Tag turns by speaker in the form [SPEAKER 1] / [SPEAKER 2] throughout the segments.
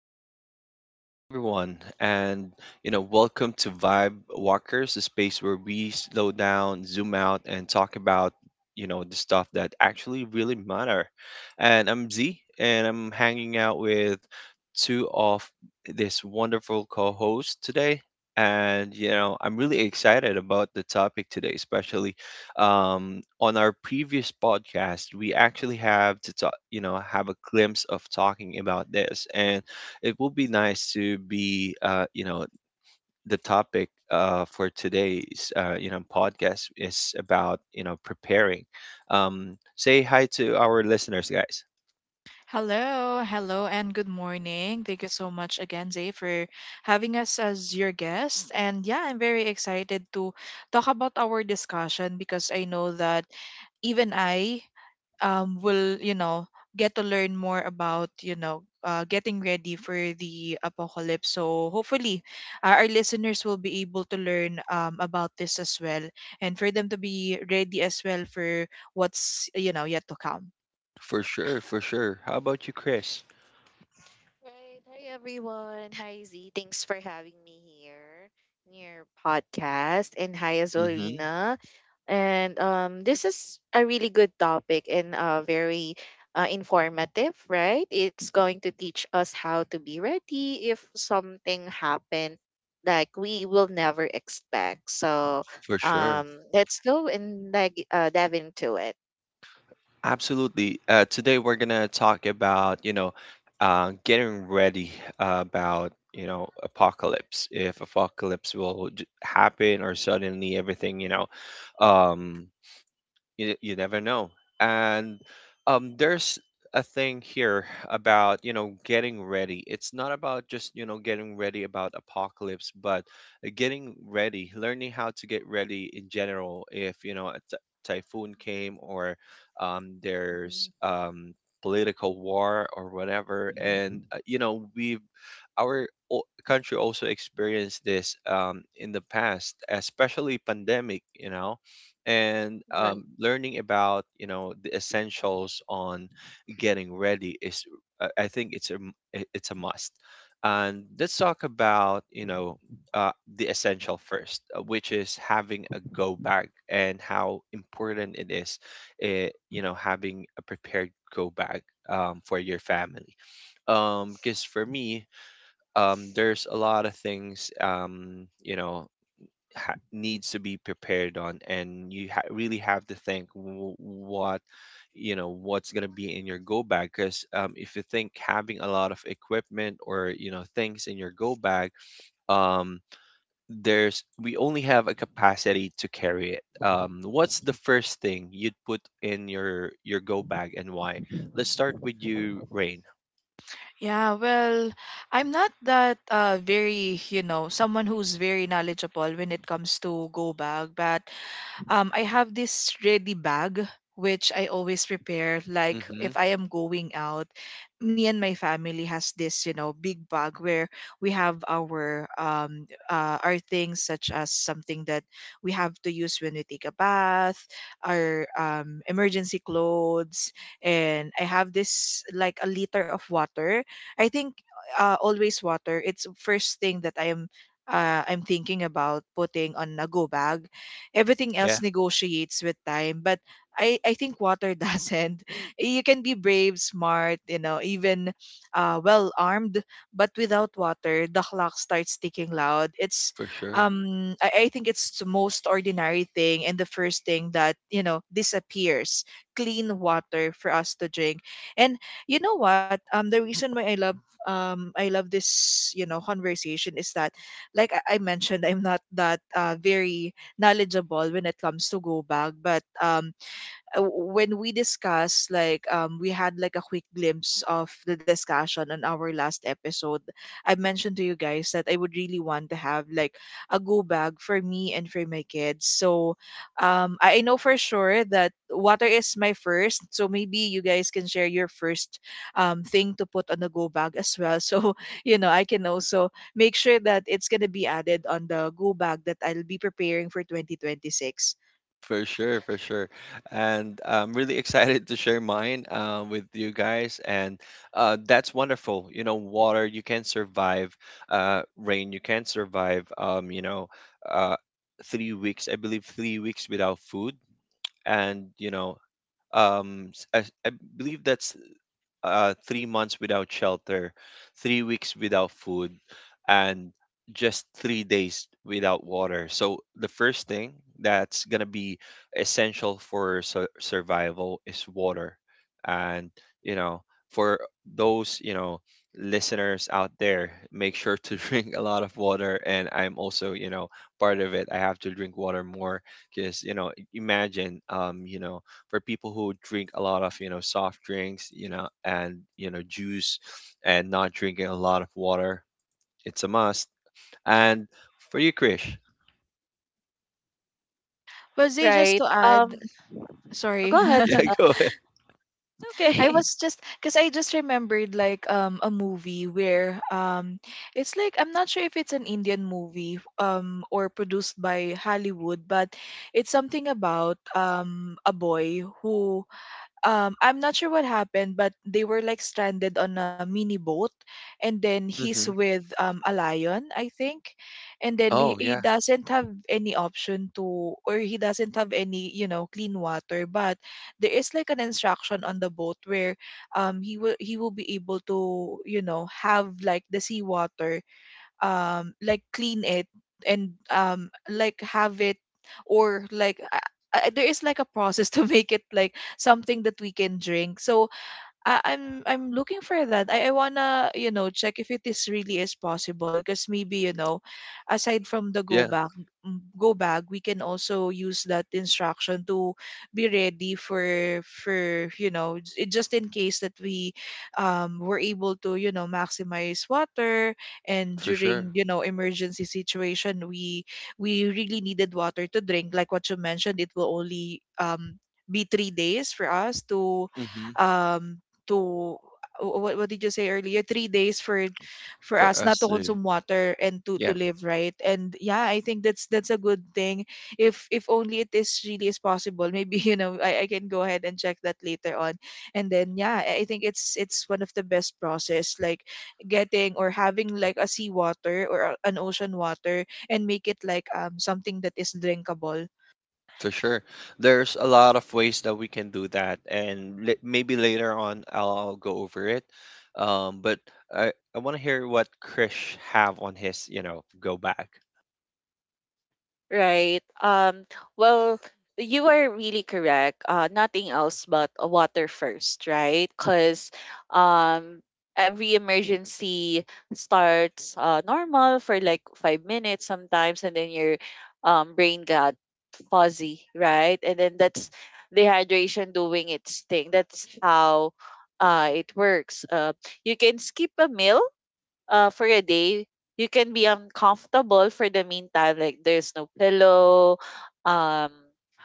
[SPEAKER 1] right. Welcome everyone, and welcome to Vibe Walkers, the space where we slow down, zoom out, and talk about the stuff that actually really matter. And I'm Z, and I'm hanging out with two of this wonderful co-hosts today. And I'm really excited about the topic today, especially on our previous podcast, we actually have to talk, have a glimpse of talking about this, and it will be nice to be, the topic for today's, podcast is about, preparing. Say hi to our listeners, guys.
[SPEAKER 2] Hello, hello, and good morning. Thank you so much again, Zay, for having us as your guest. And yeah, I'm very excited to talk about our discussion because I know that even I will, get to learn more about, getting ready for the apocalypse. So hopefully, our listeners will be able to learn about this as well, and for them to be ready as well for what's yet to come.
[SPEAKER 1] For sure, for sure. How about you, Chris?
[SPEAKER 3] Right. Hi, everyone. Hi, Z. Thanks for having me here in your podcast. And hi as well,
[SPEAKER 1] Mm-hmm.
[SPEAKER 3] Rina. And This is a really good topic and very informative, right? It's going to teach us how to be ready if something happened like we will never expect. So
[SPEAKER 1] For sure.
[SPEAKER 3] um, let's go and dive into it.
[SPEAKER 1] Absolutely. Today we're gonna talk about getting ready about apocalypse, if apocalypse will happen, or suddenly everything, um, you never know. And there's a thing here about getting ready. It's not about just getting ready about apocalypse, but getting ready, learning how to get ready in general, if a typhoon came, or there's
[SPEAKER 3] Mhm.
[SPEAKER 1] political war or whatever. And you know we've our country also experienced this in the past, especially pandemic, and
[SPEAKER 3] Right.
[SPEAKER 1] learning about the essentials on getting ready is I think it's a must. And let's talk about uh, the essential first, which is having a go bag and how important it is, having a prepared go bag for your family. Because for me, there's a lot of things needs to be prepared on, and really have to think what, what's going to be in your go bag. Because if you think having a lot of equipment or things in your go bag, um, there's we only have a capacity to carry it. What's the first thing you'd put in your go bag and why? Let's start with you, rain.
[SPEAKER 2] Yeah, well, I'm not that very, you know, someone who's very knowledgeable when it comes to go bag, but I have this ready bag which I always prepare. Like
[SPEAKER 1] Hmm.
[SPEAKER 2] if I am going out, me and my family has this, you know, big bag where we have our things such as something that we have to use when we take a bath, our emergency clothes, and I have this like a liter of water. I think always water. It's first thing that I am I'm thinking about putting on a go bag. Everything else
[SPEAKER 1] Yeah,
[SPEAKER 2] negotiates with time, but I think water doesn't. You can be brave, smart, you know, even well armed, but without water the clock starts ticking loud. It's
[SPEAKER 1] for sure.
[SPEAKER 2] I think it's the most ordinary thing and the first thing that you know disappears, clean water for us to drink. And you know what, the reason why I love I love this, you know, conversation is that like I mentioned, I'm not that very knowledgeable when it comes to go back, but when we discuss, like we had like a quick glimpse of the discussion on our last episode, I mentioned to you guys that I would really want to have like a go bag for me and for my kids. So I know for sure that water is my first, so maybe you guys can share your first thing to put on the go bag as well, so you know I can also make sure that it's going to be added on the go bag that I'll be preparing for 2026.
[SPEAKER 1] For sure, for sure. And I'm really excited to share mine with you guys. And that's wonderful. You know, water, you can survive. Rain, you can survive. Uh, 3 weeks, I believe, 3 weeks without food. And, I believe that's 3 months without shelter, 3 weeks without food, and just 3 days without water. So the first thing that's gonna be essential for survival is water. And you know for those you know listeners out there, make sure to drink a lot of water. And I'm also, part of it, I have to drink water more, because imagine, for people who drink a lot of soft drinks, you know and you know juice, and not drinking a lot of water, it's a must. And for you, krish.
[SPEAKER 2] But Zay, just
[SPEAKER 3] Right.
[SPEAKER 2] to add — sorry.
[SPEAKER 3] Go ahead.
[SPEAKER 1] Yeah, go ahead.
[SPEAKER 2] I
[SPEAKER 3] Okay.
[SPEAKER 2] was just, because I just remembered like a movie where it's like I'm not sure if it's an Indian movie or produced by Hollywood, but it's something about a boy who I'm not sure what happened, but they were like stranded on a mini boat, and then he's
[SPEAKER 1] Hmm.
[SPEAKER 2] with a lion, I think, and then he,
[SPEAKER 1] Oh
[SPEAKER 2] he
[SPEAKER 1] yeah.
[SPEAKER 2] doesn't have any option to, or he doesn't have any, you know, clean water. But there is like an instruction on the boat where he will be able to you know have like the seawater, like clean it and like have it, or like there is like a process to make it like something that we can drink. So I'm looking for that. I wanna you know check if it is really is possible, because maybe you know, aside from the
[SPEAKER 1] Yeah,
[SPEAKER 2] go back — go bag, we can also use that instruction to be ready for you know just in case that we were able to you know maximize water, and
[SPEAKER 1] for sure.
[SPEAKER 2] during you know emergency situation we really needed water to drink. Like what you mentioned, it will only be 3 days for us to
[SPEAKER 1] Hmm.
[SPEAKER 2] um to what, did you say earlier? 3 days for
[SPEAKER 1] For
[SPEAKER 2] us not
[SPEAKER 1] us
[SPEAKER 2] to
[SPEAKER 1] too.
[SPEAKER 2] consume water and
[SPEAKER 1] Yeah.
[SPEAKER 2] to live, right? And yeah, I think that's a good thing. If only it is really is possible, maybe you know I can go ahead and check that later on. And then yeah, I think it's one of the best process, like getting or having like a sea water or an ocean water and make it like something that is drinkable.
[SPEAKER 1] For sure, there's a lot of ways that we can do that, and maybe later on I'll go over it. But I want to hear what krish have on his go back.
[SPEAKER 3] Right. Well, you are really correct. Nothing else but water first, right? Because um, every emergency starts normal for like 5 minutes sometimes, and then your brain got fuzzy, right? And then that's dehydration doing its thing. That's how it works. You can skip a meal for a day, you can be uncomfortable for the meantime. Like there's no pillow, um,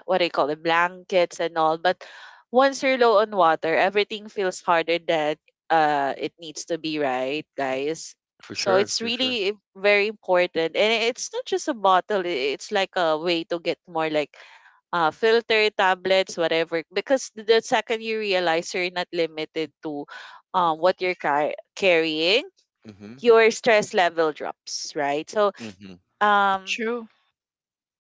[SPEAKER 3] what do you call it, blankets and all. But once you're low on water, everything feels harder than it needs to be, right, guys?
[SPEAKER 1] For
[SPEAKER 3] So
[SPEAKER 1] sure,
[SPEAKER 3] it's
[SPEAKER 1] for sure.
[SPEAKER 3] really very important, and it's not just a bottle. It's like a way to get more like filter tablets, whatever. Because the second you realize you're not limited to what you're carrying
[SPEAKER 1] Hmm.
[SPEAKER 3] your stress level drops, right? Um
[SPEAKER 2] True.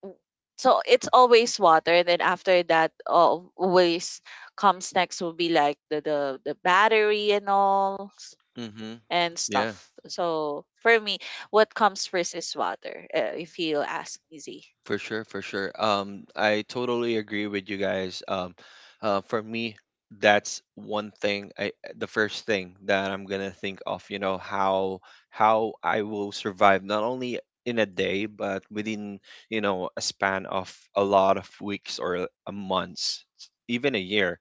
[SPEAKER 3] w- so it's always water and then after that always comes next will be like the battery and
[SPEAKER 1] Mm-hmm.
[SPEAKER 3] and
[SPEAKER 1] Yeah,
[SPEAKER 3] stuff. So for me, what comes first is water, if you ask me, Z.
[SPEAKER 1] for sure, for sure. I totally agree with you guys. For me, that's one thing. I The first thing that I'm gonna think of: you know how I will survive, not only in a day, but within a span of a lot of weeks or a months, even a year.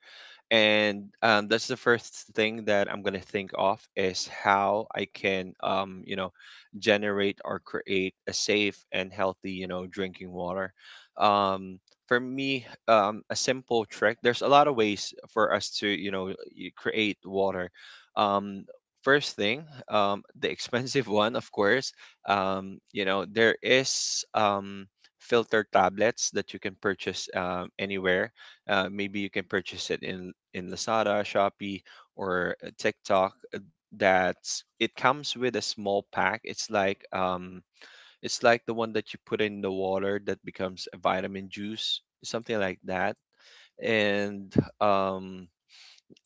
[SPEAKER 1] And that's the first thing that I'm gonna think of is how I can, generate or create a safe and healthy, you know, drinking water. Um, for me, a simple trick. There's a lot of ways for us to, you know, create water. Um, First thing, the expensive one, of course. You know, there is filter tablets that you can purchase anywhere. Maybe you can purchase it in Lazada, Shopee, or TikTok. That it comes with a small pack. It's like the one that you put in the water that becomes a vitamin juice, something like that, and um,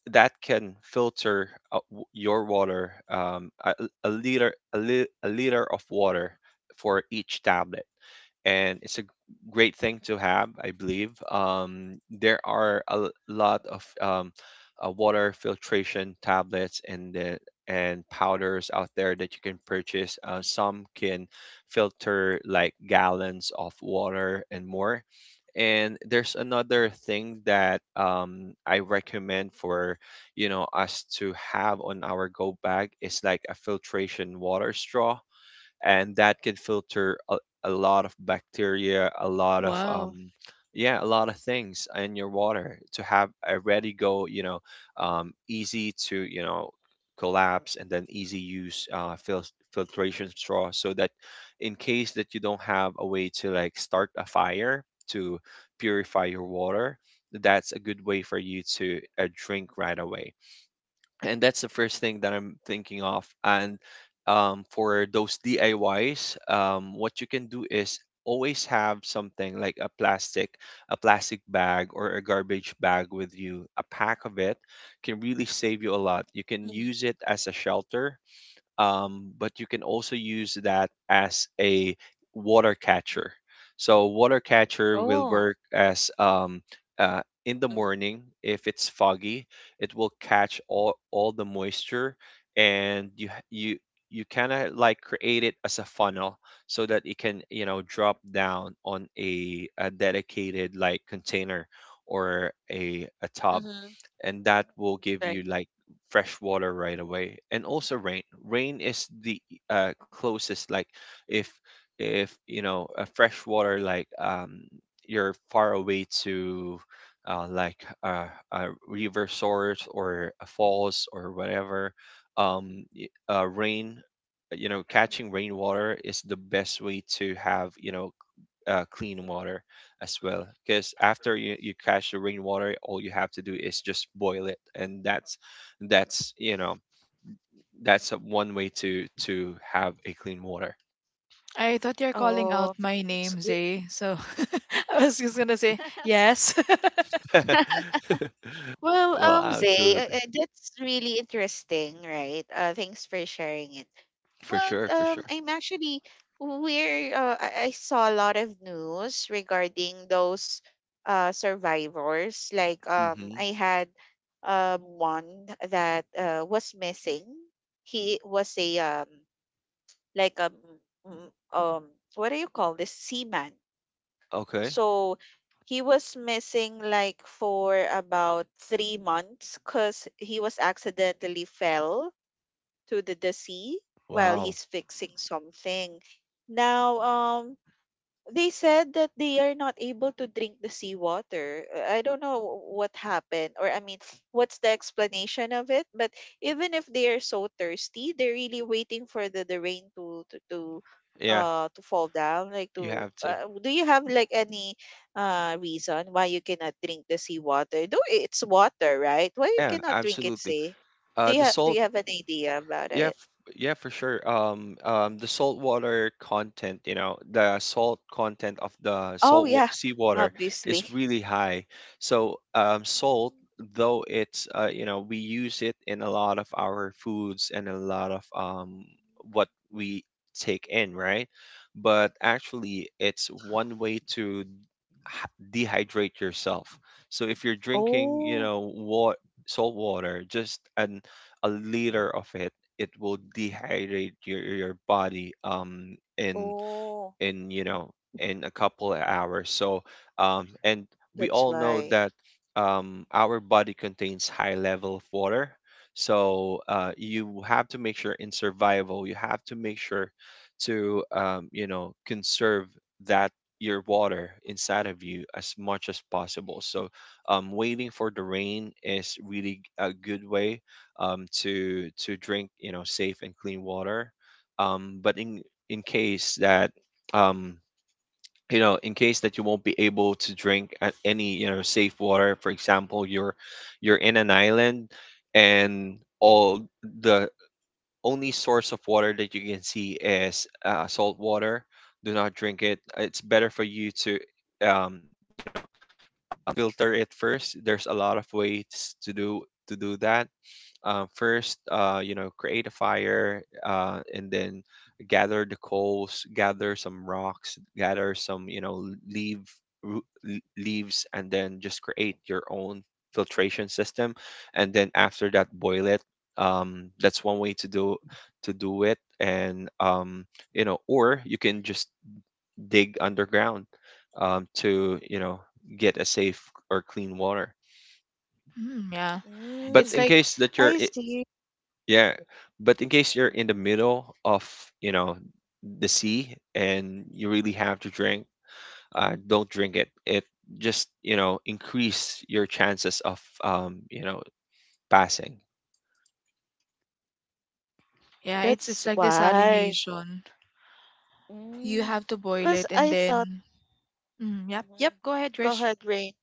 [SPEAKER 1] that can filter your water, a liter a liter of water for each tablet. And it's a great thing to have, I believe. There are lot of water filtration tablets and the and powders out there that you can purchase. Some can filter like gallons of water and more. And there's another thing that I recommend for us to have on our go bag is like a filtration water straw, and that can filter a lot of bacteria, a lot of
[SPEAKER 2] Wow.
[SPEAKER 1] yeah, a lot of things in your water. To have a ready go, easy to collapse, and then easy use, filtration straw, so that in case that you don't have a way to like start a fire to purify your water, that's a good way for you to drink right away. And that's the first thing that I'm thinking of. And for those DIYs, what you can do is always have something like a plastic bag or a garbage bag with you. A pack of it can really save you a lot. You can
[SPEAKER 3] hmm
[SPEAKER 1] use it as a shelter, but you can also use that as a water catcher. So water catcher will
[SPEAKER 3] Oh.
[SPEAKER 1] work as in the morning, if it's foggy, it will catch all the moisture, and you h- you kind of like create it as a funnel so that it can, you know, drop down on a dedicated like container or a tub,
[SPEAKER 3] Mm-hmm.
[SPEAKER 1] and that will give
[SPEAKER 3] Right.
[SPEAKER 1] you like fresh water right away. And also rain, rain is the closest like, if a fresh water, like you're far away to uh, like uh, a river source or a falls or whatever. Rain, you know, catching rainwater is the best way to have, clean water as well. Because after you catch the rainwater, all you have to do is just boil it, and that's that's you know that's a one way to have a clean water.
[SPEAKER 2] I thought you're calling out
[SPEAKER 3] Oh,
[SPEAKER 2] my
[SPEAKER 3] that's
[SPEAKER 2] name,
[SPEAKER 3] good.
[SPEAKER 2] Zay. So I was just gonna say yes.
[SPEAKER 3] Well,
[SPEAKER 1] Well,
[SPEAKER 3] Zay,
[SPEAKER 1] absolutely,
[SPEAKER 3] that's really interesting, right? Thanks for sharing it.
[SPEAKER 1] for
[SPEAKER 3] But
[SPEAKER 1] sure, for
[SPEAKER 3] um,
[SPEAKER 1] sure.
[SPEAKER 3] I'm actually we're I saw a lot of news regarding those survivors.
[SPEAKER 1] Hmm.
[SPEAKER 3] I had one that was missing. He was a like um what do you call this, seaman?
[SPEAKER 1] Okay.
[SPEAKER 3] So he was missing like for about 3 months because he was accidentally fell to the sea while
[SPEAKER 1] Wow.
[SPEAKER 3] he's fixing something. Now, they said that they are not able to drink the seawater. I don't know what happened, or I mean, what's the explanation of it? But even if they are so thirsty, they're really waiting for the rain to to to
[SPEAKER 1] Yeah,
[SPEAKER 3] uh to fall down. Like
[SPEAKER 1] you
[SPEAKER 3] to
[SPEAKER 1] have to.
[SPEAKER 3] do you have like any reason why you cannot drink the seawater? Though it's water, right? Why you
[SPEAKER 1] Yeah,
[SPEAKER 3] cannot drink it?
[SPEAKER 1] absolutely.
[SPEAKER 3] Say,
[SPEAKER 1] The
[SPEAKER 3] do
[SPEAKER 1] salt.
[SPEAKER 3] you have an idea about
[SPEAKER 1] Yeah,
[SPEAKER 3] it?
[SPEAKER 1] f- yeah, for sure. The salt water content, you know, the salt content of the
[SPEAKER 3] Oh yeah,
[SPEAKER 1] seawater
[SPEAKER 3] obviously.
[SPEAKER 1] is really high. So, salt,
[SPEAKER 3] Mm.
[SPEAKER 1] though it's, we use it in a lot of our foods and a lot of what we take in, right? But actually, it's one way to h- dehydrate yourself. So if you're drinking, you
[SPEAKER 3] Oh,
[SPEAKER 1] know, what salt water, just an a liter of it, it will dehydrate your body
[SPEAKER 3] oh.
[SPEAKER 1] in you know in a couple of hours. So and we
[SPEAKER 3] That's
[SPEAKER 1] all know
[SPEAKER 3] why.
[SPEAKER 1] that our body contains high level of water. So you have to make sure, in survival you have to make sure to, conserve that, your water inside of you, as much as possible. So waiting for the rain is really a good way to drink, you know, safe and clean water. But in case that um you know in case that you won't be able to drink at any, safe water, for example, you're in an island, and all the only source of water that you can see is salt water, do not drink it. It's better for you to you filter it first. There's a lot of ways to do that. First, create a fire, and then gather the coals, gather some rocks, gather some, you know, roo- leaves, and then just create your own filtration system. And then after that, boil it. That's one way to do it. And or you can just dig underground, to you know get a safe or clean water.
[SPEAKER 2] Mm, yeah.
[SPEAKER 1] But
[SPEAKER 2] It's
[SPEAKER 1] in
[SPEAKER 3] Mm,
[SPEAKER 2] like —
[SPEAKER 1] case that you're
[SPEAKER 3] I
[SPEAKER 1] I-
[SPEAKER 3] see.
[SPEAKER 1] Yeah, but in case you're
[SPEAKER 3] Mm.
[SPEAKER 1] in the middle of, you know the sea, and you really have to drink, don't drink it. It just, increase your chances of, passing.
[SPEAKER 2] yeah, it's
[SPEAKER 3] That's
[SPEAKER 2] like
[SPEAKER 3] why.
[SPEAKER 2] desalination. You
[SPEAKER 3] Mm.
[SPEAKER 2] have to boil
[SPEAKER 3] Because
[SPEAKER 2] it and
[SPEAKER 3] I thought,
[SPEAKER 2] then mm, yep, yep,
[SPEAKER 3] Mhm.
[SPEAKER 2] go ahead,
[SPEAKER 3] go
[SPEAKER 2] Trish.
[SPEAKER 3] ahead, Rain.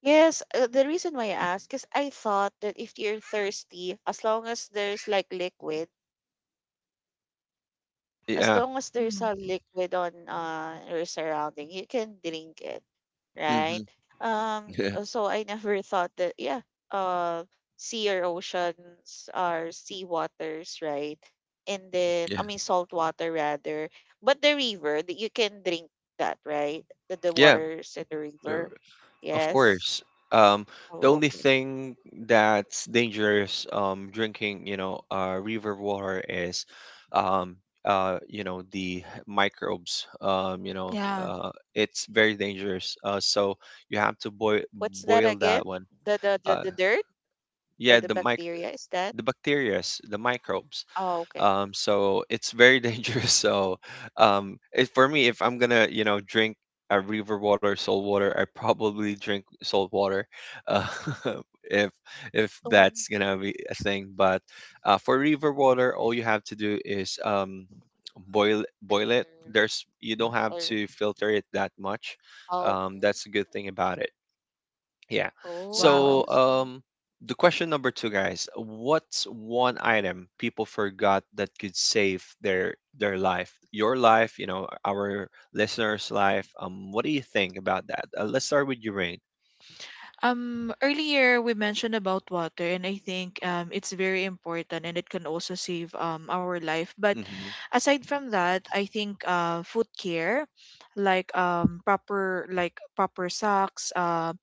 [SPEAKER 3] Yes, the reason why I asked is I thought that if you're thirsty, as long as there's like liquid, as
[SPEAKER 1] Yeah.
[SPEAKER 3] long as there's
[SPEAKER 2] Mm,
[SPEAKER 3] a liquid on your surrounding, you can drink it, right?
[SPEAKER 1] Hmm. Yeah.
[SPEAKER 3] So I never thought that, yeah, uh, sea or oceans are sea waters, right? And then,
[SPEAKER 1] Yeah.
[SPEAKER 3] I mean, salt water rather. But the river, that you can drink that, right? The
[SPEAKER 1] Yeah.
[SPEAKER 3] waters in the
[SPEAKER 1] There-
[SPEAKER 3] river.
[SPEAKER 1] Of
[SPEAKER 3] Yes.
[SPEAKER 1] course. Um, the
[SPEAKER 3] Oh,
[SPEAKER 1] only
[SPEAKER 3] okay.
[SPEAKER 1] thing that's dangerous, drinking, you know, river water is, um, the microbes.
[SPEAKER 2] yeah.
[SPEAKER 1] It's very dangerous. So you have to boil
[SPEAKER 3] What's that
[SPEAKER 1] boil
[SPEAKER 3] again?
[SPEAKER 1] that one.
[SPEAKER 3] The, the, the,
[SPEAKER 1] Uh,
[SPEAKER 3] the dirt
[SPEAKER 1] yeah,
[SPEAKER 3] or the bacteria, is that?
[SPEAKER 1] the bacterias, the microbes,
[SPEAKER 3] Oh, okay.
[SPEAKER 1] so it's very dangerous. For me, if I'm gonna drink a river water, salt water, I probably drink salt water. uh, if if
[SPEAKER 3] Um,
[SPEAKER 1] that's gonna be a thing. But for river water, all you have to do is boil it.
[SPEAKER 3] filter
[SPEAKER 1] There's you don't have
[SPEAKER 3] or
[SPEAKER 1] to filter it that much.
[SPEAKER 3] Okay.
[SPEAKER 1] That's a good thing about it. Yeah.
[SPEAKER 3] Oh,
[SPEAKER 2] Wow.
[SPEAKER 1] So,
[SPEAKER 3] I see.
[SPEAKER 1] the question number two, guys, what's one item people forgot that could save their life, your life, our listeners' life? What do you think about that? Let's start with your rain.
[SPEAKER 2] Earlier we mentioned about water, and I think it's very important, and it can also save our life. But
[SPEAKER 1] Mm-hmm.
[SPEAKER 2] aside from that, I think foot care, like proper proper socks,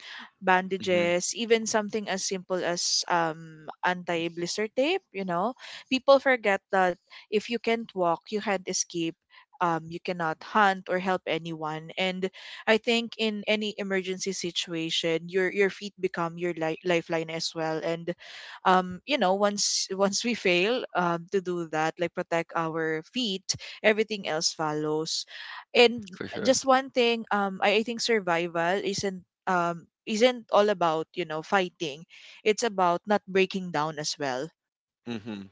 [SPEAKER 1] Mm-hmm.
[SPEAKER 2] bandages, even something as simple as anti-blister tape. You know, people forget that if you can't walk, you can't escape. You cannot hunt or help anyone, and I think in any emergency situation, your feet become your lifeline as well. And you know, once once we fail to do that, like protect our feet, everything else follows. And
[SPEAKER 1] For sure.
[SPEAKER 2] just one thing, I think survival isn't all about you know fighting. It's about not breaking down as well.
[SPEAKER 1] Hmm.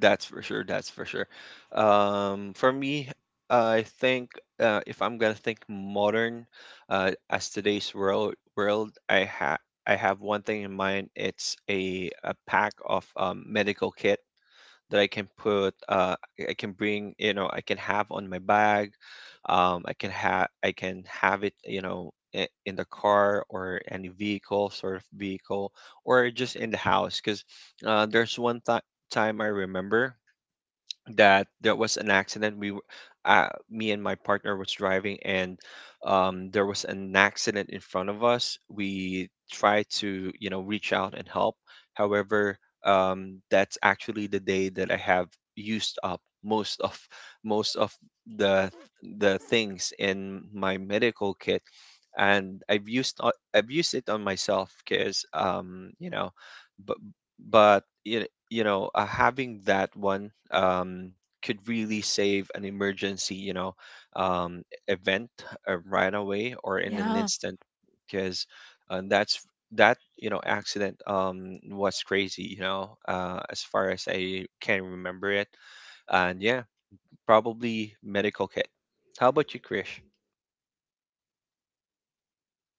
[SPEAKER 1] That's for sure. That's for sure. For me, I think if I'm gonna think modern, as today's world, I have one thing in mind. It's a pack of medical kit that I can put, I can bring, you know, I can have on my bag. I can have it, you know, in the car or any vehicle, sort of vehicle, or just in the house. Because there's time I remember that there was an accident. Me and my partner was driving, and there was an accident in front of us. We tried to, you know, reach out and help. However, that's actually the day that I have used up most of the the things in my medical kit, and I've I've used it on myself because but you you know having that one could really save an emergency, you know, um, event, right away or in an
[SPEAKER 2] Yeah,
[SPEAKER 1] instant. Because that's that, you know, accident was crazy, you know, uh, as far as I can remember it. And yeah, probably medical kit. How about you, Krish?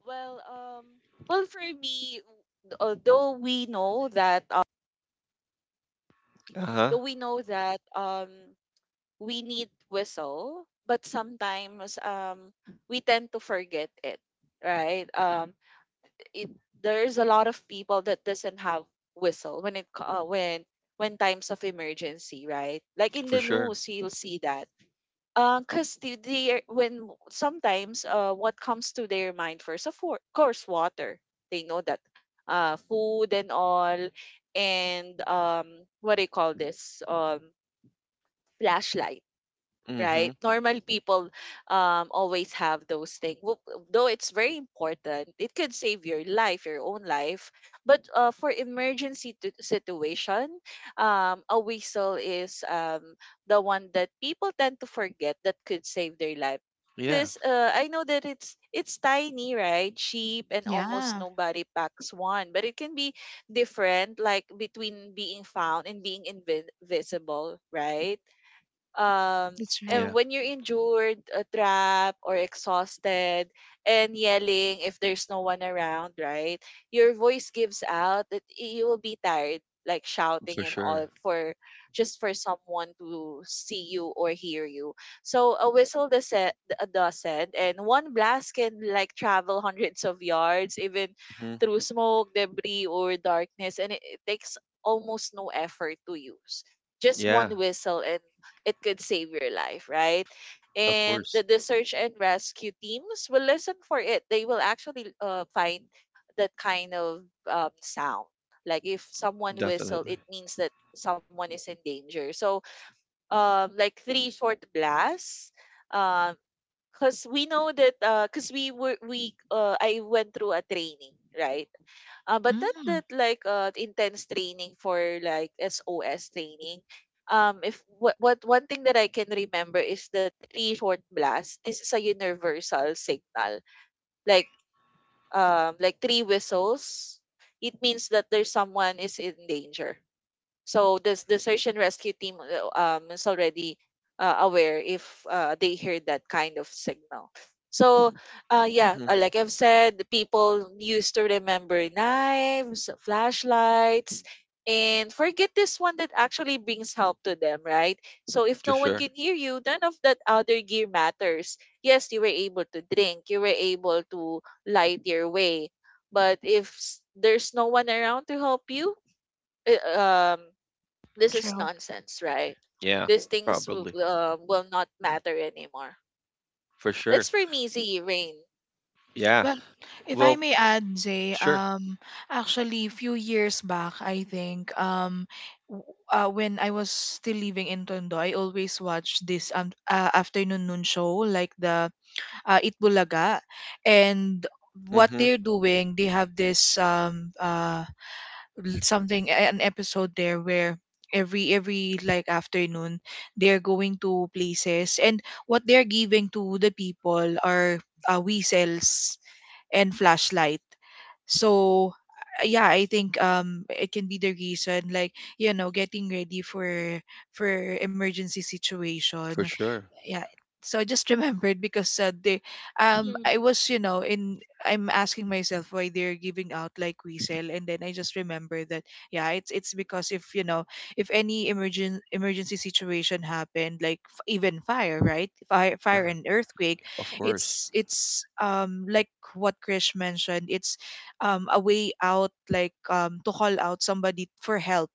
[SPEAKER 3] Well, well, for me, although we know that, hey, though
[SPEAKER 1] Uh-huh.
[SPEAKER 3] we know that, we need whistle, but sometimes, we tend to forget it, right? It there's a lot of people that doesn't have whistle when it when times of emergency, right? Like in
[SPEAKER 1] For
[SPEAKER 3] the
[SPEAKER 1] sure.
[SPEAKER 3] news, you'll see that because the when sometimes what comes to their mind first of course water they know that food and all and what do you call this flashlight, right?
[SPEAKER 1] Mm-hmm.
[SPEAKER 3] Normal people always have those things. Though it's very important, it could save your life, your own life. But for emergency situation, a whistle is the one that people tend to forget that could save their life.
[SPEAKER 1] Yeah.
[SPEAKER 3] Because I know that it's tiny, right? Cheap and almost
[SPEAKER 2] yeah,
[SPEAKER 3] nobody packs one, but it can be different, like between being found and being invisible, right? um
[SPEAKER 2] that's right.
[SPEAKER 3] and
[SPEAKER 1] Yeah,
[SPEAKER 3] when you're injured, trapped or exhausted and yelling if there's no one around, right? Your voice gives out that you will be tired, like shouting
[SPEAKER 1] for
[SPEAKER 3] and
[SPEAKER 1] sure.
[SPEAKER 3] all for just for someone to see you or hear you. So a whistle does it, a dozen and one blast can like travel hundreds of yards even
[SPEAKER 1] Hmm.
[SPEAKER 3] through smoke, debris or darkness, and it takes almost no effort to use, just one
[SPEAKER 1] Yeah,
[SPEAKER 3] whistle and it could save your life, right?
[SPEAKER 1] of
[SPEAKER 3] And
[SPEAKER 1] course.
[SPEAKER 3] the search and rescue teams will listen for it. They will actually find that kind of sound. Like if someone whistle,
[SPEAKER 1] Definitely.
[SPEAKER 3] it means that someone is in danger. So, like three short blasts, um, because we know that, because we were we I went through a training, right? But not
[SPEAKER 2] Mm,
[SPEAKER 3] that intense training for like SOS training. If what, what one thing that I can remember is the three short blasts. This is a universal signal, like like three whistles. It means that there's someone is in danger, so this the search and rescue team is already aware if they hear that kind of signal. So yeah,
[SPEAKER 1] Mm-hmm.
[SPEAKER 3] like I've said, the people used to remember knives, flashlights, and forget this one that actually brings help to them, right? So if
[SPEAKER 1] For
[SPEAKER 3] no one
[SPEAKER 1] sure.
[SPEAKER 3] can hear you, none of that other gear matters. Yes, you were able to drink, you were able to light your way, but if there's no one around to help you, i- um this is
[SPEAKER 2] true.
[SPEAKER 3] nonsense, right?
[SPEAKER 1] Yeah,
[SPEAKER 3] These things
[SPEAKER 1] probably.
[SPEAKER 3] will not matter anymore.
[SPEAKER 1] For sure.
[SPEAKER 3] That's for me, Z, Rain.
[SPEAKER 1] Yeah.
[SPEAKER 2] Well, if I
[SPEAKER 1] Well,
[SPEAKER 2] may add, Jay,
[SPEAKER 1] sure.
[SPEAKER 2] actually, a few years back, I think, when I was still living in Tondo, I always watched this afternoon noon show, like the Itbulaga. And what
[SPEAKER 1] Mm-hmm.
[SPEAKER 2] they're doing, they have this something, an episode there where every like afternoon they're going to places, and what they're giving to the people are whistles and flashlight. So yeah, I think it can be the reason like you know getting ready for emergency situation.
[SPEAKER 1] For sure.
[SPEAKER 2] Yeah, so I just remembered because they I
[SPEAKER 3] Mhm,
[SPEAKER 2] was you know in I'm asking myself why they're giving out like whistle, and then I just remember that yeah, it's because if you know if any emergency situation happened, like even fire, right? Fire,
[SPEAKER 1] Yeah,
[SPEAKER 2] fire and earthquake,
[SPEAKER 1] of course.
[SPEAKER 2] it's like what Krish mentioned, it's a way out, like to call out somebody for help.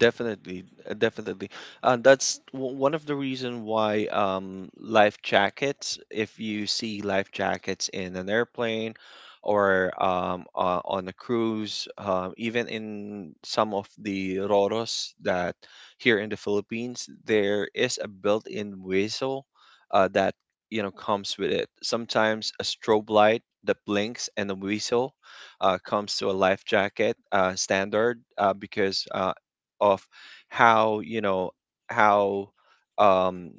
[SPEAKER 1] Definitely, definitely. That's one of the reason why life jackets, if you see life jackets in an airplane or on a cruise, even in some of the roros that here in the Philippines, there is a built-in whistle that you know comes with it. Sometimes a strobe light that blinks and a whistle comes to a life jacket standard because of how you know how um,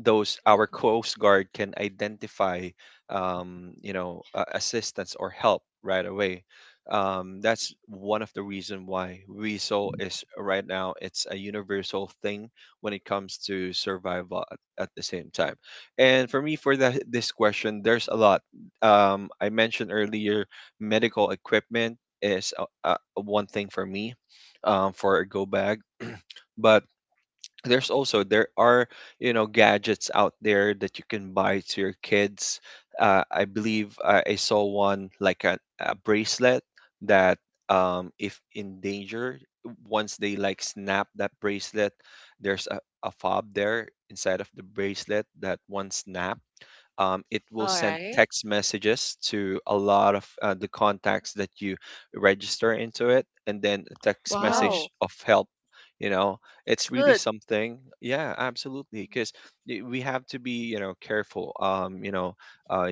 [SPEAKER 1] those our
[SPEAKER 3] mhm.
[SPEAKER 1] coast guard can identify you know assistance or help right away. Um, that's one of the reason why weasel is right now, it's a universal thing when it comes to survival at the same time. And for me for that this question, there's a lot. Um, I mentioned earlier medical equipment is one thing for me, for a go bag. But there are, you know, gadgets out there that you can buy to your kids. Uh, I believe I saw one like a bracelet that if in danger, once they like snap that bracelet, there's a fob there inside of the bracelet that once snap, it will
[SPEAKER 3] All
[SPEAKER 1] send
[SPEAKER 3] right.
[SPEAKER 1] text messages to a lot of the contacts that you register into it, and then a text
[SPEAKER 2] Wow.
[SPEAKER 1] message
[SPEAKER 3] Wow.
[SPEAKER 1] of help. You know,
[SPEAKER 3] That's
[SPEAKER 1] it's really
[SPEAKER 3] good.
[SPEAKER 1] something. Yeah, absolutely.
[SPEAKER 3] Mhm,
[SPEAKER 1] Because we have to be, you know, careful. Uh,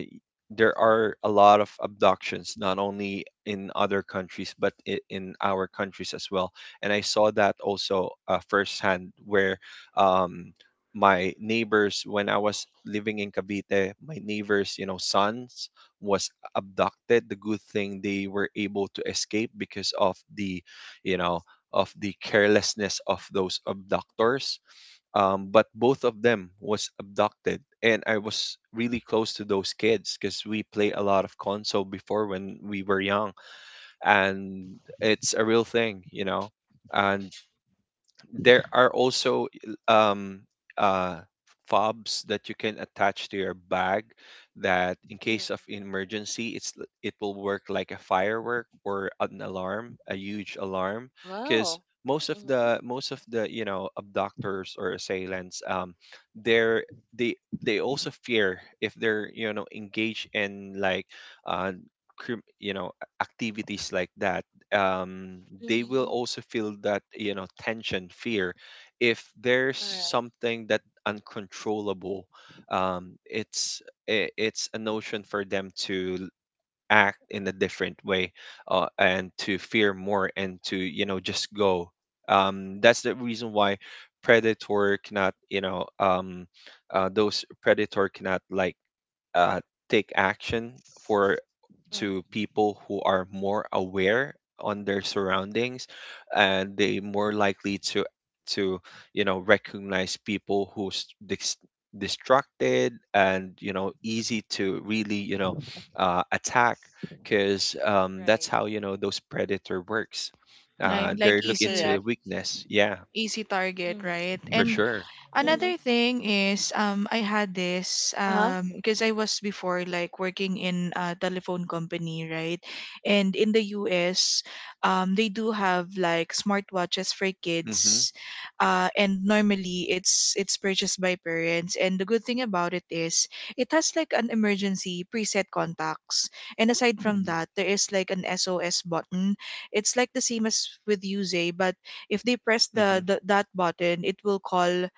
[SPEAKER 1] there are a lot of abductions, not only in other countries, but in our countries as well. And I saw that also firsthand, where um, my neighbors when I was living in Cavite, my neighbors, you know, sons was abducted. The good thing they were able to escape because of the, you know, of the carelessness of those abductors. But both of them was abducted, and I was really close to those kids because we play a lot of console before when we were young, and it's a real thing, you know. And there are also um, uh, fobs that you can attach to your bag that in
[SPEAKER 3] mhm.
[SPEAKER 1] case of emergency, it will work like a firework or an alarm, a huge alarm, because
[SPEAKER 3] Wow.
[SPEAKER 1] most of
[SPEAKER 3] hmm
[SPEAKER 1] the most of the you know abductors or assailants um, they're they they also fear if they're, you know, engaged in like uh you know activities like that. Um, they will also feel that you know tension, fear, if there's
[SPEAKER 3] All right.
[SPEAKER 1] something that uncontrollable. Um, it's a notion for them act in a different way, and to fear more and to, you know, just go. Um, that's the reason why predator cannot you know those predator cannot like uh, take action for
[SPEAKER 3] Mm-hmm.
[SPEAKER 1] to people who are more aware on their surroundings, and they more likely to, you know, recognize people who's distracted and, you know, easy to really, you know, attack, because that's
[SPEAKER 3] Right.
[SPEAKER 1] how you know those predator works.
[SPEAKER 2] Like
[SPEAKER 1] Uh,
[SPEAKER 2] like
[SPEAKER 1] they're looking to
[SPEAKER 2] easy
[SPEAKER 1] the
[SPEAKER 3] Correct.
[SPEAKER 1] weakness. Yeah,
[SPEAKER 2] easy target,
[SPEAKER 3] Mm-hmm.
[SPEAKER 2] right?
[SPEAKER 1] for
[SPEAKER 2] And
[SPEAKER 1] sure.
[SPEAKER 3] Mm-hmm.
[SPEAKER 2] another thing is I had this
[SPEAKER 3] Uh-huh.
[SPEAKER 2] because I was before like working in a telephone company, right? And in the US, they do have like smartwatches for
[SPEAKER 1] Hmm.
[SPEAKER 2] kids. And normally it's purchased by parents, and the good thing about it is it has like an emergency preset contacts. And aside from
[SPEAKER 1] Hmm.
[SPEAKER 2] that, there is like an SOS button. It's like the same as with Use, but if they press the,
[SPEAKER 1] Hmm.
[SPEAKER 2] the that button, it will call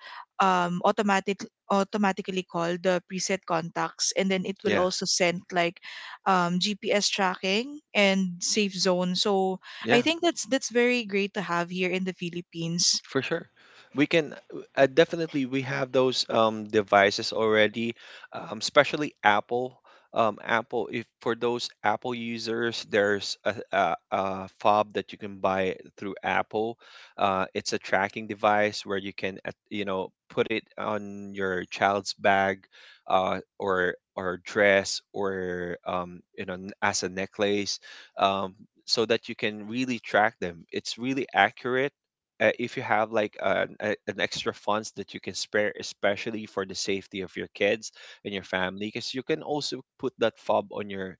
[SPEAKER 2] um, automatic automatically call the preset contacts, and then it will
[SPEAKER 1] Yeah.
[SPEAKER 2] also send like GPS tracking and safe zone. So I
[SPEAKER 1] Yeah.
[SPEAKER 2] think that's very great to have here in the Philippines.
[SPEAKER 1] For sure. We can definitely we have those devices already, especially Apple. Apple, if for those Apple users, there's a fob that you can buy through Apple. It's a tracking device where you can, you know, put it on your child's bag, or dress, or you know, as a necklace, um, so that you can really track them. It's really accurate if you have like an extra funds that you can spare, especially for the safety of your kids and your family, because you can also put that fob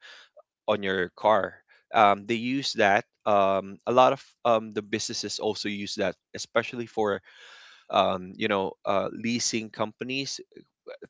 [SPEAKER 1] on your car. Um, they use that a lot of the businesses also use that, especially for you know leasing companies,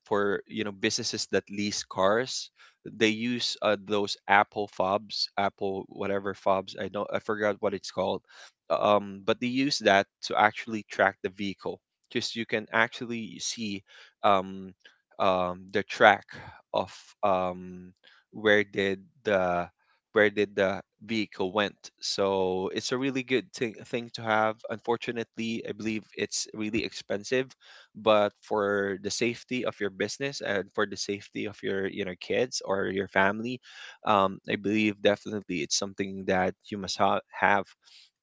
[SPEAKER 1] for you know businesses that lease cars. They use those Apple fobs, Apple whatever fobs, I don't, I forgot what it's called. Um, but they use that to actually track the vehicle, because you can actually see um, the track of um, where did the where did the vehicle went. So it's a really good thing to have. Unfortunately, I believe it's really expensive, but for the safety of your business and for the safety of your, you know, kids or your family, I believe definitely it's something that you must have.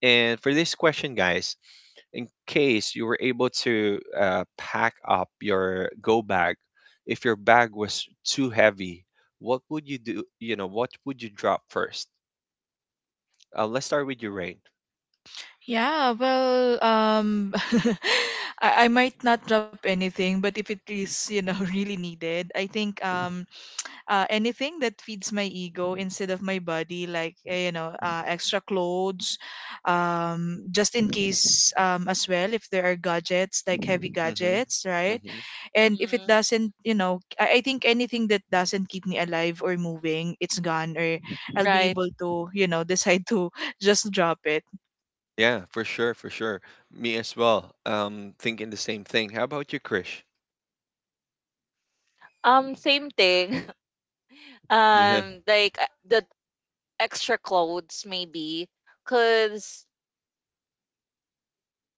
[SPEAKER 1] And for this question, guys, in case you were able to pack up your go bag, if your bag was too heavy, what would you do, you know, what would you drop first? Uh, let's start with Ukraine. Rain.
[SPEAKER 2] Yeah, well, I might not drop anything, but if it is, you know, really needed, I think anything that feeds my ego instead of my body, like you know, extra clothes, just in case as well if there are gadgets like heavy
[SPEAKER 1] Mm-hmm.
[SPEAKER 2] gadgets, right?
[SPEAKER 1] Mm-hmm.
[SPEAKER 2] And if it
[SPEAKER 3] Mm-hmm.
[SPEAKER 2] doesn't, you know, I think anything that doesn't keep me alive or moving, it's gone, or I'll be
[SPEAKER 3] Right.
[SPEAKER 2] able to, you know, decide to just drop it.
[SPEAKER 1] Yeah, for sure, for sure. Me as well. Thinking the same thing. How about you, Krish?
[SPEAKER 3] Same thing.
[SPEAKER 1] Yeah.
[SPEAKER 3] Like the extra clothes maybe, cause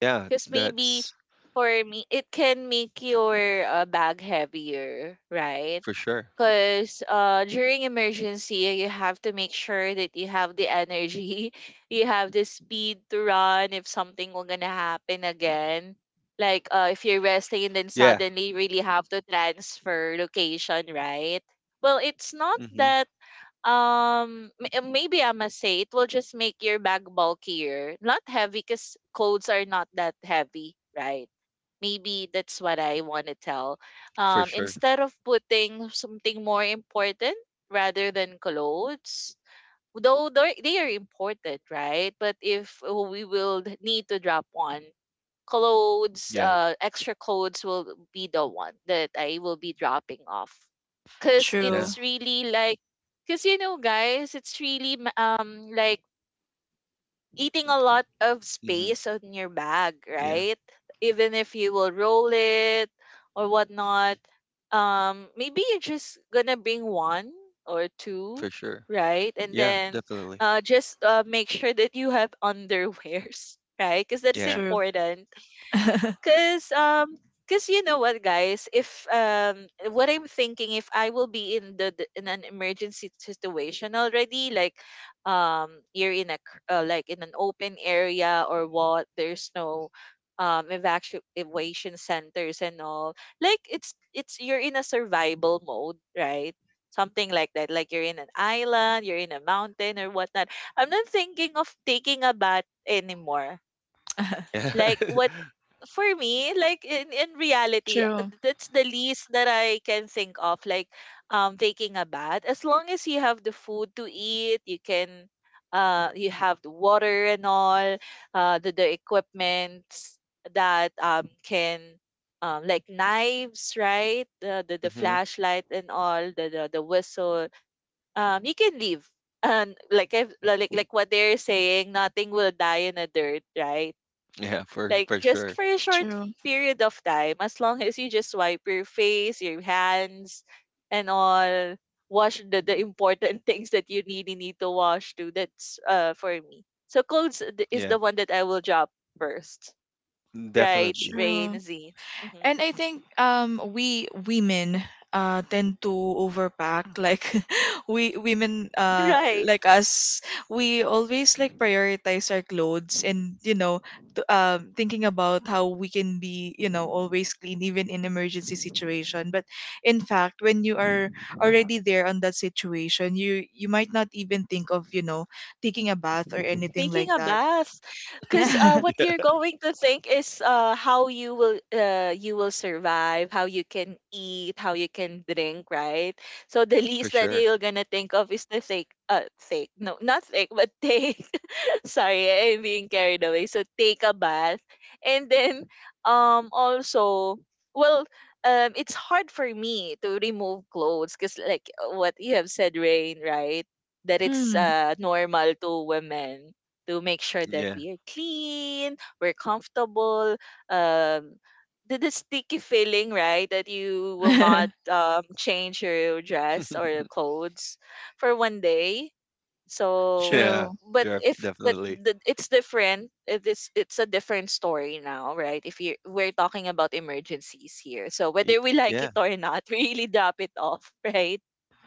[SPEAKER 1] Yeah,
[SPEAKER 3] because maybe
[SPEAKER 1] that's
[SPEAKER 3] for me, it can make your bag heavier, right?
[SPEAKER 1] for sure.
[SPEAKER 3] Because during emergency, you have to make sure that you have the energy, you have the speed to run if something will gonna happen again. Like if you're resting and then
[SPEAKER 1] Yeah.
[SPEAKER 3] suddenly you really have to transfer location, right? Well, it's not
[SPEAKER 1] Hmm.
[SPEAKER 3] that maybe I must say it will just make your bag bulkier, not heavy, because clothes are not that heavy, right? Maybe that's what I want to tell,
[SPEAKER 1] For sure.
[SPEAKER 3] instead of putting something more important rather than clothes, though they are important, right? But if we will need to drop one, clothes,
[SPEAKER 1] Yeah.
[SPEAKER 3] extra clothes will be the one that I will be dropping off. Cause
[SPEAKER 1] Yeah.
[SPEAKER 2] True.
[SPEAKER 3] it's really like, cause you know, guys, it's really like eating a lot of
[SPEAKER 1] Hmm.
[SPEAKER 3] space on your bag,
[SPEAKER 1] Yeah.
[SPEAKER 3] right? Even if you will roll it or whatnot, maybe you're just gonna bring one or two,
[SPEAKER 1] For sure.
[SPEAKER 3] right? And
[SPEAKER 1] Yeah.
[SPEAKER 3] then
[SPEAKER 1] Definitely.
[SPEAKER 3] just make sure that you have underwears, right? Because that is
[SPEAKER 1] Yeah.
[SPEAKER 2] True.
[SPEAKER 3] important. Cause cause you know what, guys, if what I'm thinking, if I will be in in an emergency situation already, like you're in a like in an open area or what, there's no evacuation centers and all, like it's you're in a survival mode, right? Something like that, like you're in an island, you're in a mountain or whatnot, I'm not thinking of taking a bath anymore,
[SPEAKER 1] Yeah.
[SPEAKER 3] like what. For me, like in reality,
[SPEAKER 2] True.
[SPEAKER 3] that's the least that I can think of. Like, taking a bath. As long as you have the food to eat, you can, you have the water and all, the equipments that can. Like knives, right? The
[SPEAKER 1] Hmm.
[SPEAKER 3] flashlight and all, the whistle. You can leave, and like I've, like like what they're saying, nothing will die in the dirt, right?
[SPEAKER 1] Yeah.
[SPEAKER 3] Like
[SPEAKER 1] For
[SPEAKER 3] just
[SPEAKER 1] sure.
[SPEAKER 3] for a short
[SPEAKER 2] True.
[SPEAKER 3] period of time, as long as you just wipe your face, your hands, and all, wash the important things that you really need to wash too. That's for me. So clothes is
[SPEAKER 1] Yeah.
[SPEAKER 3] the one that I will drop first. Right,
[SPEAKER 1] Definitely.
[SPEAKER 2] True.
[SPEAKER 3] Rain, Z. Mhm.
[SPEAKER 2] And I think we women tend to overpack, like we women
[SPEAKER 3] Right.
[SPEAKER 2] like us, we always like prioritize our clothes, and you know, thinking about how we can be you know always clean even in emergency situation, but in fact when you are already there on that situation, you might not even think of you know taking a bath or anything
[SPEAKER 3] Taking
[SPEAKER 2] like
[SPEAKER 3] a
[SPEAKER 2] that.
[SPEAKER 3] bath, because
[SPEAKER 2] Yeah.
[SPEAKER 3] what you're
[SPEAKER 1] Yeah.
[SPEAKER 3] going to think is how you will survive, how you can eat, how you can drink, right? So the
[SPEAKER 1] For
[SPEAKER 3] least that
[SPEAKER 1] sure.
[SPEAKER 3] you're gonna think of is to take take no not take but take Sorry, I'm being carried away. So take a bath. And then also well it's hard for me to remove clothes because like what you have said, Rain, right? That it's
[SPEAKER 2] Mm.
[SPEAKER 3] normal to women to make sure that
[SPEAKER 1] Yeah.
[SPEAKER 3] we are clean, we're comfortable, um the sticky feeling, right? That you will not change your dress or your clothes for one day so,
[SPEAKER 1] Yeah.
[SPEAKER 2] True.
[SPEAKER 3] but
[SPEAKER 1] Def-
[SPEAKER 3] if but
[SPEAKER 1] definitely.
[SPEAKER 3] the, it's different. It's a different story now, right? If you we're talking about emergencies here, so
[SPEAKER 1] Y-
[SPEAKER 3] whether we like it
[SPEAKER 1] Yeah.
[SPEAKER 3] or not, we really drop it off, right?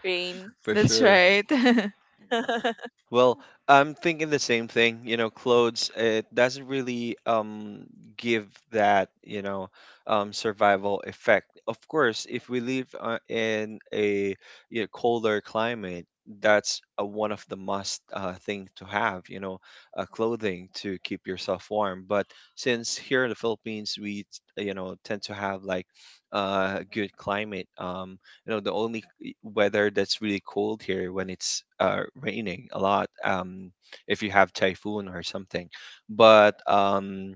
[SPEAKER 3] Rain.
[SPEAKER 1] For
[SPEAKER 2] That's
[SPEAKER 1] sure.
[SPEAKER 2] right.
[SPEAKER 1] Well, I'm thinking the same thing. You know, clothes, it doesn't really give that, you know, survival effect. Of course, if we live in a you know, colder climate, that's one of the must thing to have, you know, clothing to keep yourself warm. But since here in the Philippines, we, you know, tend to have like good climate. You know the only weather that's really cold here when it's raining a lot, if you have typhoon or something, but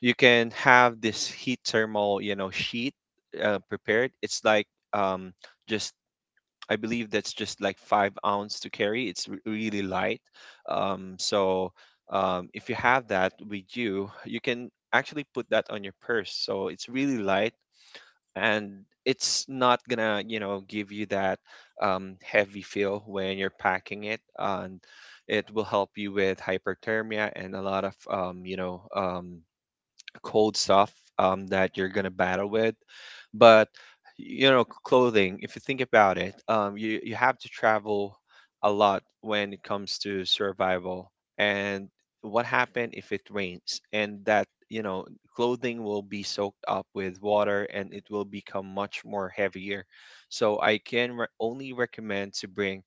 [SPEAKER 1] you can have this heat thermal you know sheet prepared. It's like um, just I believe that's just like 5 oz to carry. It's really light, so if you have that with you, you can actually put that on your purse, so it's really light, and it's not gonna you know give you that heavy feel when you're packing it, and it will help you with hyperthermia and a lot of you know cold stuff that you're gonna battle with. But you know, clothing, if you think about it, you you have to travel a lot when it comes to survival. And what happened if it rains? And that, you know, clothing will be soaked up with water, and it will become much more heavier. So I can only recommend to bring,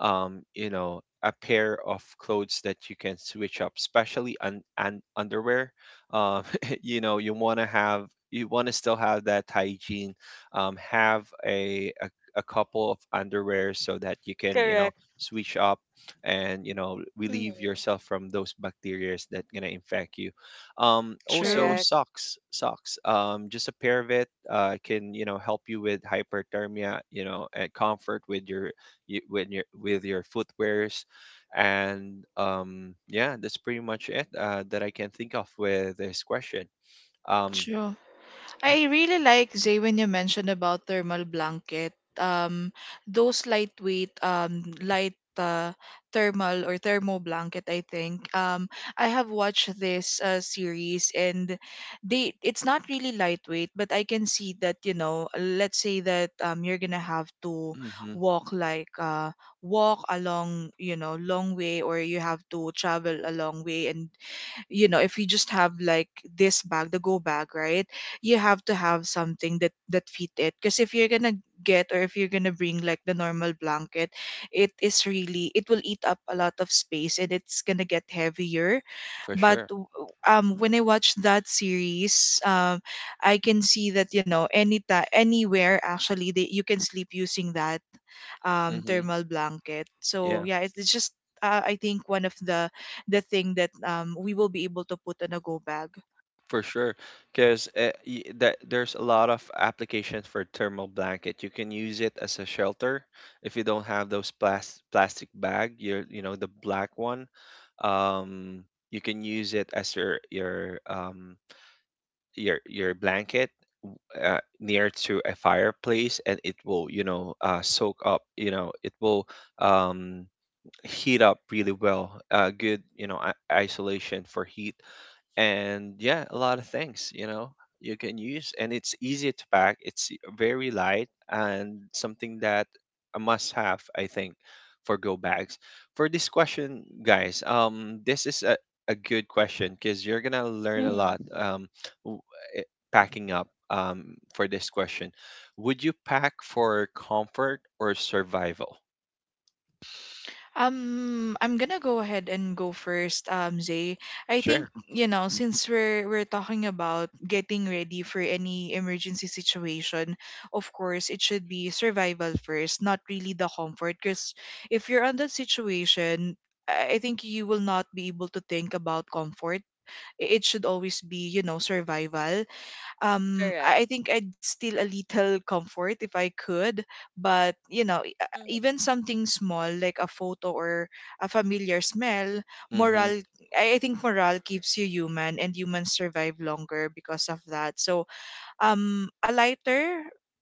[SPEAKER 1] you know, a pair of clothes that you can switch up, especially on an underwear. Um, you know you want to have you want to still have that hygiene, have a couple of underwear so that you can, you know,
[SPEAKER 3] Correct.
[SPEAKER 1] switch up and, you know, relieve
[SPEAKER 3] Mm-hmm.
[SPEAKER 1] yourself from those bacteria that gonna infect you. Also
[SPEAKER 2] True,
[SPEAKER 3] Correct.
[SPEAKER 1] socks, just a pair of it can, you know, help you with hyperthermia, you know, and comfort with your with your footwears. And yeah, that's pretty much it that I can think of with this question. um,
[SPEAKER 2] true. I really like Zay when you mentioned about thermal blanket. Um, those lightweight, light thermal or thermo blanket, I think. I have watched this series, and they, it's not really lightweight, but I can see that you know, let's say that you're gonna have to
[SPEAKER 1] hmm
[SPEAKER 2] walk like uh walk along you know long way, or you have to travel a long way, and you know if you just have like this bag, the go bag, right? You have to have something that that fit it, because if you're gonna get or if you're gonna bring like the normal blanket, it is really it will eat up a lot of space, and it's gonna get heavier.
[SPEAKER 1] for
[SPEAKER 2] But
[SPEAKER 1] sure.
[SPEAKER 2] when I watch that series, I can see that you know anytime, anywhere actually, they, you can sleep using that
[SPEAKER 1] hmm
[SPEAKER 2] thermal blanket. So
[SPEAKER 1] Yeah,
[SPEAKER 2] yeah, it's just I think one of the thing that we will be able to put on a go bag.
[SPEAKER 1] for sure. Because that there's a lot of applications for thermal blanket. You can use it as a shelter if you don't have those plastic bag, your, you know, the black one. Um, you can use it as your blanket w- near to a fireplace, and it will, you know, soak up. You know, it will um heat up really well. Good, you know, isolation for heat, and yeah, a lot of things, you know, you can use, and it's easy to pack. It's very light and something that a must-have, I think, for go bags. For this question, guys, this is a good question because you're gonna learn a lot
[SPEAKER 3] Mhm.
[SPEAKER 1] w- eh, packing up for this question. Would you pack for comfort or survival?
[SPEAKER 2] I'm gonna go ahead and go first, Zay. I think,
[SPEAKER 1] Sure.
[SPEAKER 2] you know, since we're talking about getting ready for any emergency situation, of course, it should be survival first, not really the comfort. Because if you're on that situation, I think you will not be able to think about comfort. It should always be, you know, survival. um
[SPEAKER 3] Correct.
[SPEAKER 2] I I think I'd still a little comfort if I could, but you know,
[SPEAKER 3] Mm-hmm.
[SPEAKER 2] even something small like a photo or a familiar smell,
[SPEAKER 1] Mm-hmm.
[SPEAKER 2] morale. I think morale keeps you human and humans survive longer because of that. So, a lighter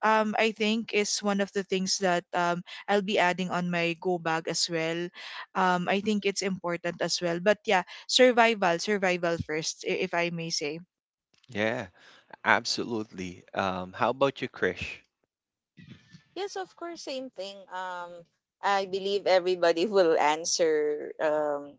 [SPEAKER 2] I think is one of the things that I'll be adding on my go bag as well. Um, I think it's
[SPEAKER 3] hmm
[SPEAKER 2] important as well. But yeah, survival, survival first, if I may say.
[SPEAKER 1] Yeah. Absolutely. How about you, Krish?
[SPEAKER 3] Yes, of course, same thing. I believe everybody will answer.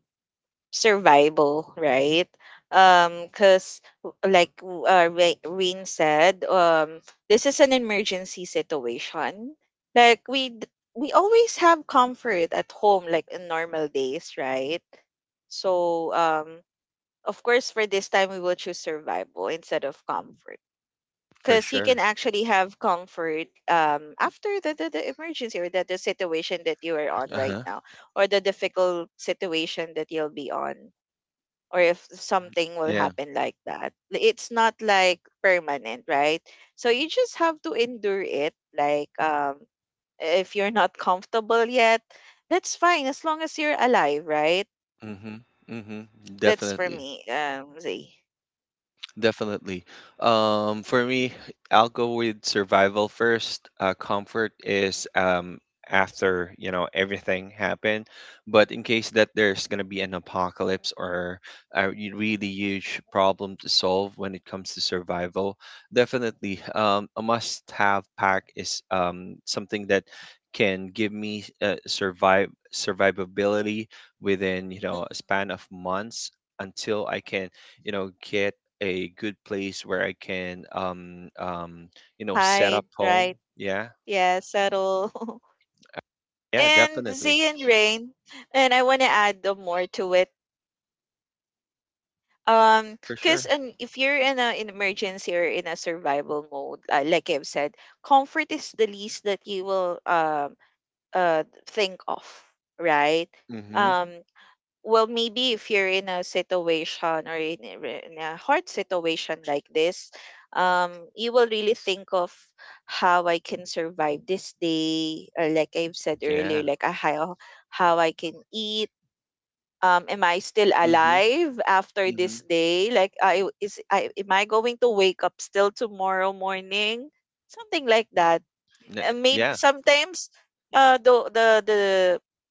[SPEAKER 3] Survival, right? Because like Rain said, this is an emergency situation. Like we always have comfort at home, like in normal days, right? So of course, for this time, we will choose survival instead of comfort.
[SPEAKER 1] For
[SPEAKER 3] Because you can
[SPEAKER 1] sure.
[SPEAKER 3] actually have comfort after the emergency or the situation that you are on right
[SPEAKER 1] Uh-huh.
[SPEAKER 3] now or the difficult situation that you'll be on or if something will
[SPEAKER 1] Yeah.
[SPEAKER 3] happen like that. It's not like permanent, right? So you just have to endure it. Like if you're not comfortable yet, that's fine as long as you're alive, right?
[SPEAKER 1] Mm-hmm. Mm-hmm.
[SPEAKER 3] That's for
[SPEAKER 1] Definitely.
[SPEAKER 3] me. Z.
[SPEAKER 1] Definitely. For me, I'll go with survival first. Comfort is, after, you know, everything happened, but in case that there's gonna be an apocalypse or really huge problem to solve when it comes to survival, definitely, a must-have pack is, something that can give me survive survivability within, you know, a
[SPEAKER 3] Mm.
[SPEAKER 1] span of months until I can, you know, get a good place where I can you know, set up
[SPEAKER 3] Hide,
[SPEAKER 1] home.
[SPEAKER 3] right?
[SPEAKER 1] Yeah.
[SPEAKER 3] Yeah, settle.
[SPEAKER 1] Yeah,
[SPEAKER 3] And
[SPEAKER 1] definitely.
[SPEAKER 3] Z and Rain. And I wanna add the more to it.
[SPEAKER 1] For
[SPEAKER 3] Because
[SPEAKER 1] sure.
[SPEAKER 3] and if you're in an emergency or in a survival mode, like I've said, comfort is the least that you will uh think of, right?
[SPEAKER 1] Mm-hmm.
[SPEAKER 3] Um, well, maybe if you're in a situation or in, in a hard situation like this, you will really think of how I can survive this day. Like I've said earlier,
[SPEAKER 1] Yeah.
[SPEAKER 3] like how I can eat, am I still
[SPEAKER 1] Mm-hmm.
[SPEAKER 3] alive after
[SPEAKER 1] Mm-hmm.
[SPEAKER 3] this day, like I is I am I going to wake up still tomorrow morning, something like that. And maybe
[SPEAKER 1] Yeah,
[SPEAKER 3] sometimes the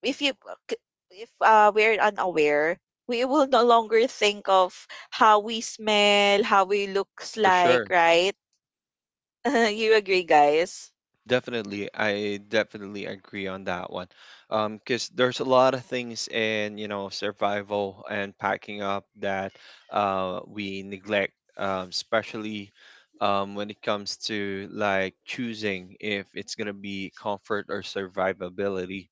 [SPEAKER 3] if k- if we're unaware, we will no longer think of how we smell, how we looks
[SPEAKER 1] for
[SPEAKER 3] like,
[SPEAKER 1] sure.
[SPEAKER 3] right? You agree, guys?
[SPEAKER 1] Definitely. I definitely agree on that one. 'Cause there's a lot of things in, you know, survival and packing up that we neglect, especially when it comes to like choosing if it's gonna be comfort or survivability.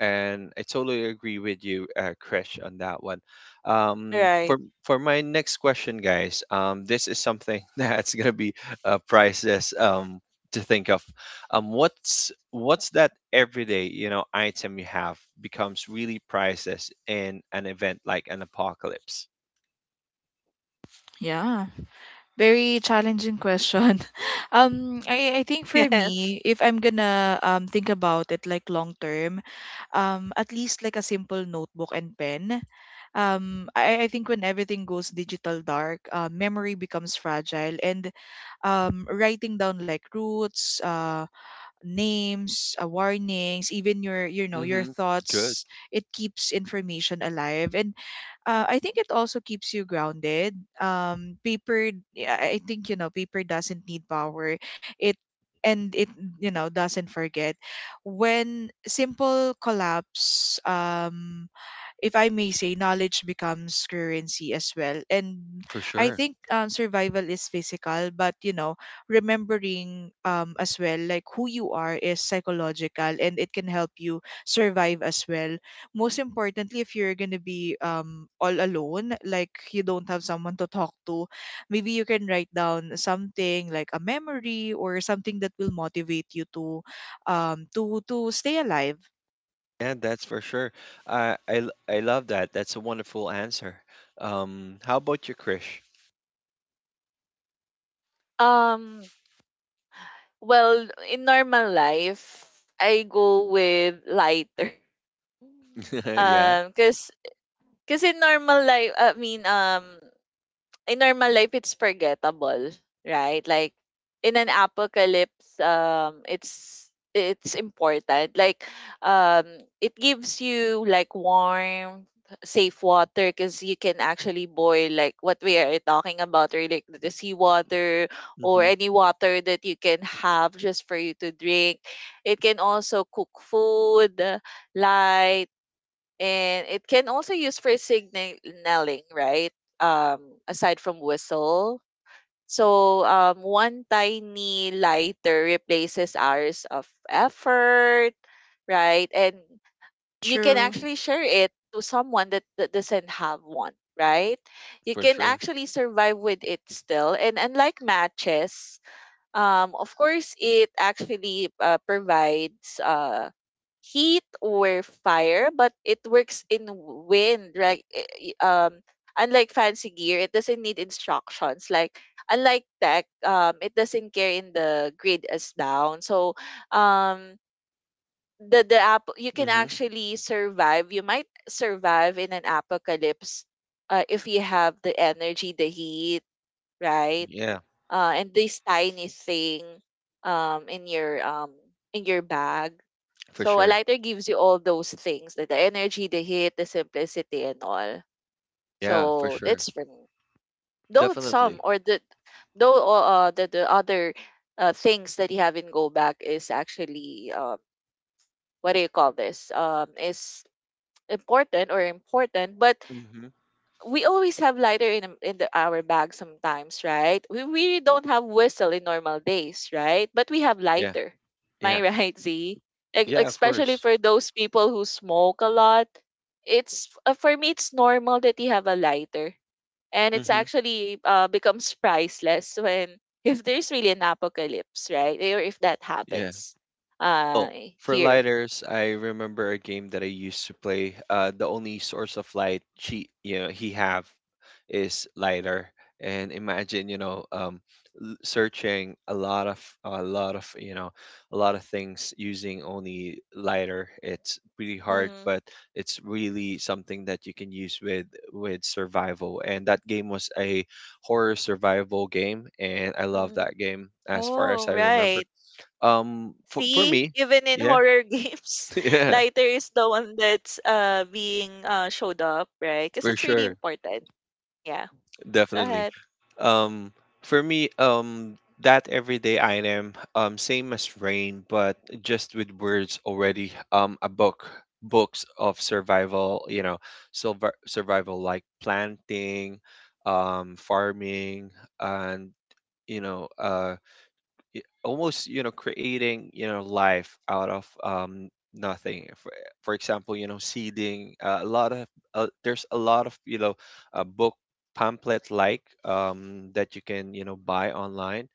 [SPEAKER 1] And I totally agree with you, Krish, on that one.
[SPEAKER 3] Right.
[SPEAKER 1] For my next question, guys, this is something that's gonna be priceless, to think of. What's that everyday, you know, item you have becomes really priceless in an event like an apocalypse?
[SPEAKER 2] Yeah. Very challenging question. I think for
[SPEAKER 3] Yes.
[SPEAKER 2] me, if I'm gonna think about it like long term, at least like a simple notebook and pen. I think when everything goes digital dark, memory becomes fragile, and writing down like roots, names, warnings, even your, you know, your
[SPEAKER 1] Mm-hmm. Good.
[SPEAKER 2] thoughts. It keeps information alive, and I think it also keeps you grounded. Paper, yeah, I think, you know, paper doesn't need power. It, and it, you know, doesn't forget. When simple collapse, if I may say, knowledge becomes currency as well. And
[SPEAKER 1] For
[SPEAKER 2] I
[SPEAKER 1] sure.
[SPEAKER 2] think, survival is physical, but you know, remembering as well like who you are is psychological and it can help you survive as well. Most importantly, if you're going to be all alone, like you don't have someone to talk to, maybe you can write down something like a memory or something that will motivate you to to stay alive.
[SPEAKER 1] Yeah, that's for sure. I love that. That's a wonderful answer. How about you, Krish?
[SPEAKER 3] um well, in normal life, I go with lighter.
[SPEAKER 1] Yeah.
[SPEAKER 3] Cause, cause in normal life, I mean, in normal life, it's forgettable, right? Like in an apocalypse, it's important. Like, um, it gives you like warm, safe water, cause you can actually boil like what we are talking about, or like the seawater
[SPEAKER 1] Hmm. Mm-hmm.
[SPEAKER 3] or any water that you can have just for you to drink. It can also cook food, light, and it can also use for signaling, right? Aside from whistle. So one tiny lighter replaces hours of effort, right? And you can
[SPEAKER 2] True.
[SPEAKER 3] actually share it to someone that doesn't have one, right? You
[SPEAKER 1] For
[SPEAKER 3] can
[SPEAKER 1] sure.
[SPEAKER 3] actually survive with it still. And unlike matches, of course, it actually provides heat or fire, but it works in wind. Right? Unlike fancy gear, it doesn't need instructions. Like unlike tech, it doesn't care in the grid is down. So, um, the app you can
[SPEAKER 1] Mm-hmm.
[SPEAKER 3] actually survive. You might survive in an apocalypse, if you have the energy, the heat, right?
[SPEAKER 1] Yeah,
[SPEAKER 3] And this tiny thing um, in your um, in your bag.
[SPEAKER 1] for
[SPEAKER 3] So a
[SPEAKER 1] sure.
[SPEAKER 3] lighter gives you all those things, like the energy, the heat, the simplicity, and all.
[SPEAKER 1] Yeah, for
[SPEAKER 3] So
[SPEAKER 1] sure.
[SPEAKER 3] that's for me. Though some
[SPEAKER 1] Definitely.
[SPEAKER 3] or the though The other things that you have in go back is actually what do you call this is important or important, but
[SPEAKER 1] Mm-hmm.
[SPEAKER 3] we always have lighter in the, our bag sometimes, right? We don't have whistle in normal days, right? But we have
[SPEAKER 1] Yeah,
[SPEAKER 3] lighter. Am I
[SPEAKER 1] yeah,
[SPEAKER 3] right, Z? Like,
[SPEAKER 1] yeah. Of
[SPEAKER 3] especially
[SPEAKER 1] course.
[SPEAKER 3] for those people who smoke a lot, it's for me it's normal that you have a lighter, and it's
[SPEAKER 1] Mm-hmm.
[SPEAKER 3] actually becomes priceless when if there's really an apocalypse, right? Or if that
[SPEAKER 1] Yeah.
[SPEAKER 3] happens,
[SPEAKER 1] Oh,
[SPEAKER 3] uh,
[SPEAKER 1] for
[SPEAKER 3] here.
[SPEAKER 1] lighters, I remember a game that I used to play. The only source of light he have is lighter. And imagine, you know, searching a lot of you know, a lot of things using only lighter. It's pretty hard,
[SPEAKER 3] Mm-hmm.
[SPEAKER 1] but it's really something that you can use with survival. And that game was a horror survival game, and I love that game as far as
[SPEAKER 3] Oh,
[SPEAKER 1] I remember.
[SPEAKER 3] right.
[SPEAKER 1] For
[SPEAKER 3] See,
[SPEAKER 1] me,
[SPEAKER 3] even in
[SPEAKER 1] yeah,
[SPEAKER 3] horror games,
[SPEAKER 1] yeah,
[SPEAKER 3] lighter is the one that's being showed up, right? Because
[SPEAKER 1] for
[SPEAKER 3] it's really
[SPEAKER 1] sure,
[SPEAKER 3] important. Yeah. Go
[SPEAKER 1] definitely.
[SPEAKER 3] ahead.
[SPEAKER 1] Um, for me, that everyday item, same as Rain, but just with words already. A book, books of survival, you know, silver survival like planting, farming, and you know, almost, you know, creating, you know, life out of nothing. For, for example, you know, seeding, a lot of there's a lot of, you know, book pamphlet like, um, that you can, you know, buy online.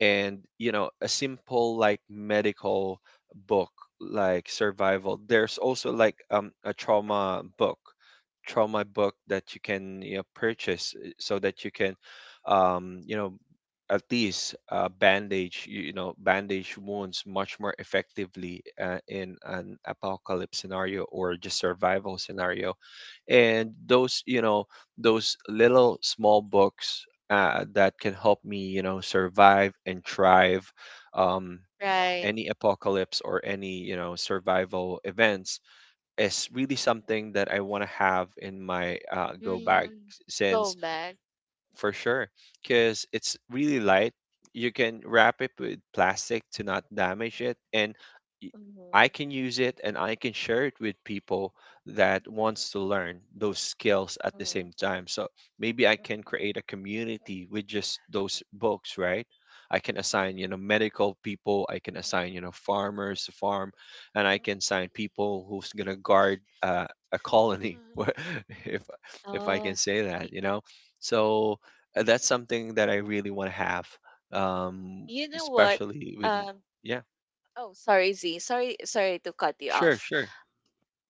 [SPEAKER 1] And, you know, a simple like medical book like survival. There's also like, a trauma book that you can, you know, purchase, so that you can, you know, at least, bandage you you know bandage wounds much more effectively, in an apocalypse scenario or just survival scenario. And those, you know, those little small books, that can help me, you know, survive and thrive, um,
[SPEAKER 3] Right.
[SPEAKER 1] any apocalypse or any, you know, survival events is really something that I want to have in my, go bag.
[SPEAKER 3] Mm. Go
[SPEAKER 1] Since
[SPEAKER 3] back.
[SPEAKER 1] for sure, because it's really light, you can wrap it with plastic to not damage it. And y- I
[SPEAKER 3] Mhm.
[SPEAKER 1] can use it, and I can share it with people that wants to learn those skills at the
[SPEAKER 3] Mm-hmm.
[SPEAKER 1] same time. So maybe I can create a community with just those books, right? I can assign, you know,
[SPEAKER 3] Mm-hmm.
[SPEAKER 1] medical people. I can assign, you know, farmers to farm, and I can assign people who's going to guard a colony.
[SPEAKER 3] Mhm.
[SPEAKER 1] if if I can
[SPEAKER 3] Oh,
[SPEAKER 1] say that,
[SPEAKER 3] y-
[SPEAKER 1] you know. So that's something that I really want to have, um,
[SPEAKER 3] you know what?
[SPEAKER 1] especially with.
[SPEAKER 3] Um,
[SPEAKER 1] Yeah,
[SPEAKER 3] oh, sorry, Z. Sorry, sorry to cut you
[SPEAKER 1] sure,
[SPEAKER 3] off.
[SPEAKER 1] sure.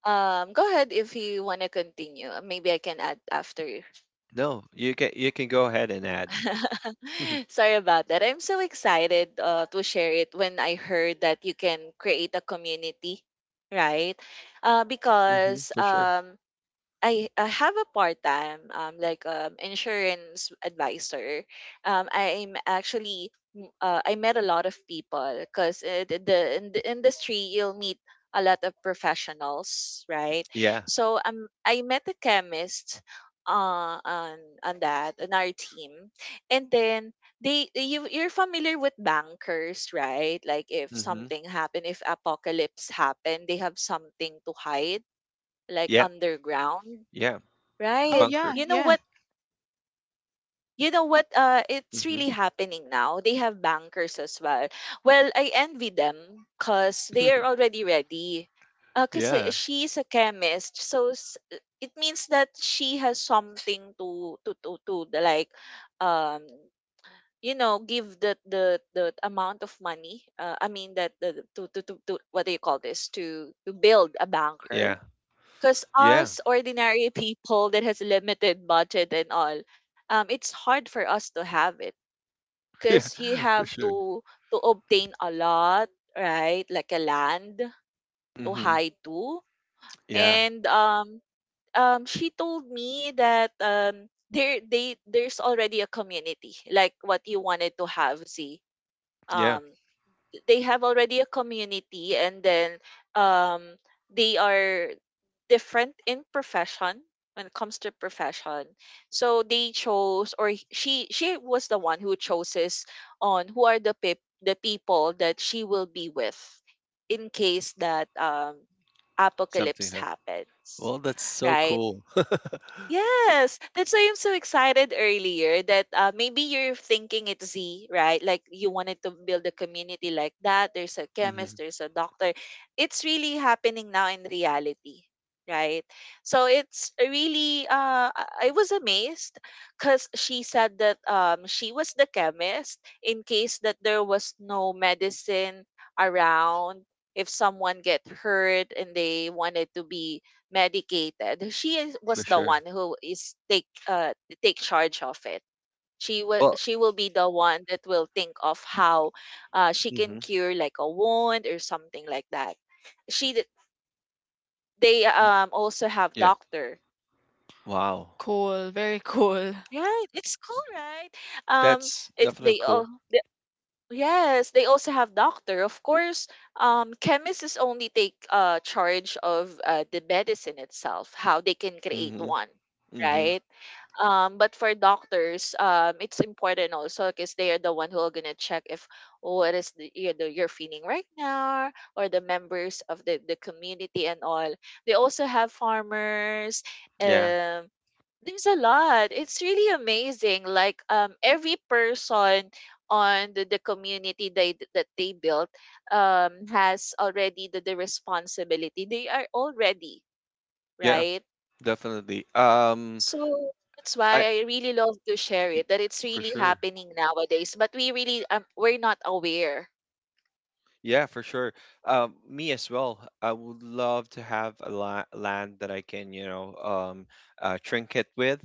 [SPEAKER 3] Go ahead if you want to continue. Maybe I can add after.
[SPEAKER 1] No, you can, you can go ahead and add.
[SPEAKER 3] Sorry about that. I'm so excited to share it when I heard that you can create a community, right? Because
[SPEAKER 1] For sure.
[SPEAKER 3] I have a part time like insurance advisor. I'm actually I met a lot of people because in the industry you'll meet a lot of professionals, right?
[SPEAKER 1] Yeah.
[SPEAKER 3] So I met a chemist on that on our team, and then they you you're familiar with bankers, right? Like if
[SPEAKER 1] hmm
[SPEAKER 3] something happened, if apocalypse happened, they have something to hide like
[SPEAKER 1] Yeah.
[SPEAKER 3] underground.
[SPEAKER 1] Yeah.
[SPEAKER 2] Oh,
[SPEAKER 3] Right.
[SPEAKER 2] yeah,
[SPEAKER 1] Bunker.
[SPEAKER 3] You know
[SPEAKER 2] yeah.
[SPEAKER 3] what? You know what? It's
[SPEAKER 1] hmm
[SPEAKER 3] really happening now. They have bankers as well. Well, I envy them because they are already ready. Because
[SPEAKER 1] Yeah.
[SPEAKER 3] she's a chemist, so it means that she has something to the, like, um, you know, give the amount of money. I mean that the to what do you call this? To build a
[SPEAKER 1] Yeah.
[SPEAKER 3] banker, because
[SPEAKER 1] Yeah.
[SPEAKER 3] us ordinary people that has limited budget and all, it's hard for us to have it.
[SPEAKER 1] Yeah.
[SPEAKER 3] Because you
[SPEAKER 1] For
[SPEAKER 3] have
[SPEAKER 1] sure.
[SPEAKER 3] to obtain a lot, right? Like a land to
[SPEAKER 1] hmm
[SPEAKER 3] hide to.
[SPEAKER 1] Yeah.
[SPEAKER 3] And she told me that there they there's already a community like what you wanted to have. See,
[SPEAKER 1] Yeah.
[SPEAKER 3] um they have already a community, and then um they are different in profession when it comes to profession, so they chose or she was the one who chooses on who are the the people that she will be with in case that
[SPEAKER 1] Something
[SPEAKER 3] apocalypse
[SPEAKER 1] happened.
[SPEAKER 3] happens,
[SPEAKER 1] Well, that's so
[SPEAKER 3] right?
[SPEAKER 1] cool.
[SPEAKER 3] Yes, that's why I'm so excited earlier that maybe you're thinking it's Z, right? Like you wanted to build a community like that. There's a
[SPEAKER 1] hmm
[SPEAKER 3] chemist, there's a doctor. It's really happening now in reality, right? So it's really, I was amazed because she said that she was the chemist in case that there was no medicine around. If someone get hurt and they wanted to be medicated,
[SPEAKER 1] For
[SPEAKER 3] was the
[SPEAKER 1] sure.
[SPEAKER 3] one who is take take charge of it.
[SPEAKER 1] Well.
[SPEAKER 3] She will be the one that will think of how she
[SPEAKER 1] hmm
[SPEAKER 3] can cure like a wound or something like that. She d- they also have
[SPEAKER 1] Yeah.
[SPEAKER 3] doctor.
[SPEAKER 1] Wow.
[SPEAKER 2] Cool. Very cool.
[SPEAKER 3] Right, it's cool, right? Um,
[SPEAKER 1] That's
[SPEAKER 3] it
[SPEAKER 1] definitely
[SPEAKER 3] they
[SPEAKER 1] cool.
[SPEAKER 3] all the, yes they also have doctor. Of course, chemists is only take charge of the medicine itself, how they can create
[SPEAKER 1] hmm
[SPEAKER 3] one,
[SPEAKER 1] hmm
[SPEAKER 3] right? But for doctors, it's important also because they are the one who are gonna check if what is the you know you're feeling right now or the members of the community and all. They also have farmers.
[SPEAKER 1] Yeah.
[SPEAKER 3] Um, there's a lot. It's really amazing. Like every person on the community they that they built has already the responsibility. They are already
[SPEAKER 1] Yeah.
[SPEAKER 3] right.
[SPEAKER 1] Definitely.
[SPEAKER 3] So that's
[SPEAKER 1] I
[SPEAKER 3] why I really love to share
[SPEAKER 1] y-
[SPEAKER 3] it that it's
[SPEAKER 1] for
[SPEAKER 3] really
[SPEAKER 1] sure.
[SPEAKER 3] happening nowadays, but we really we're not aware.
[SPEAKER 1] Yeah, for sure. Me as well. I would love to have a la land that I can, you know, trinket with,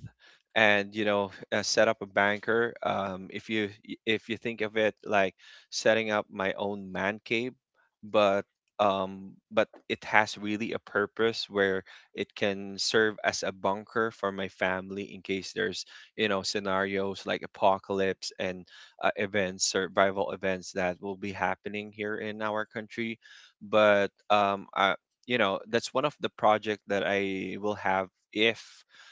[SPEAKER 1] and you know, set up a banker. If you think of it like setting up my own man cave, but but it has really a purpose where it can serve as a bunker for my family in case there's, you know, scenarios like apocalypse and events, survival events that will be happening here in our country. But I, you know, that's one of the project that I will have if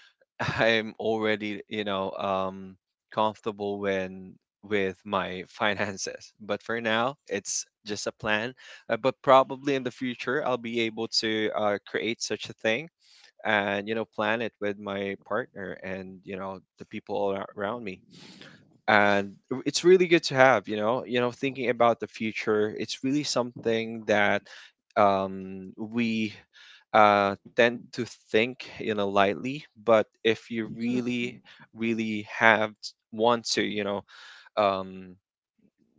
[SPEAKER 1] I'm already, you know, comfortable when with my finances. But for now, it's just a plan. But probably in the future, I'll be able to, create such a thing and, you know, plan it with my partner, and you know, the people all around me. And it's really good to have, you know, you know, thinking about the future. It's really something that, we tend to think, you know, lightly. But if you
[SPEAKER 3] Hmm
[SPEAKER 1] really really have want to, you know, um,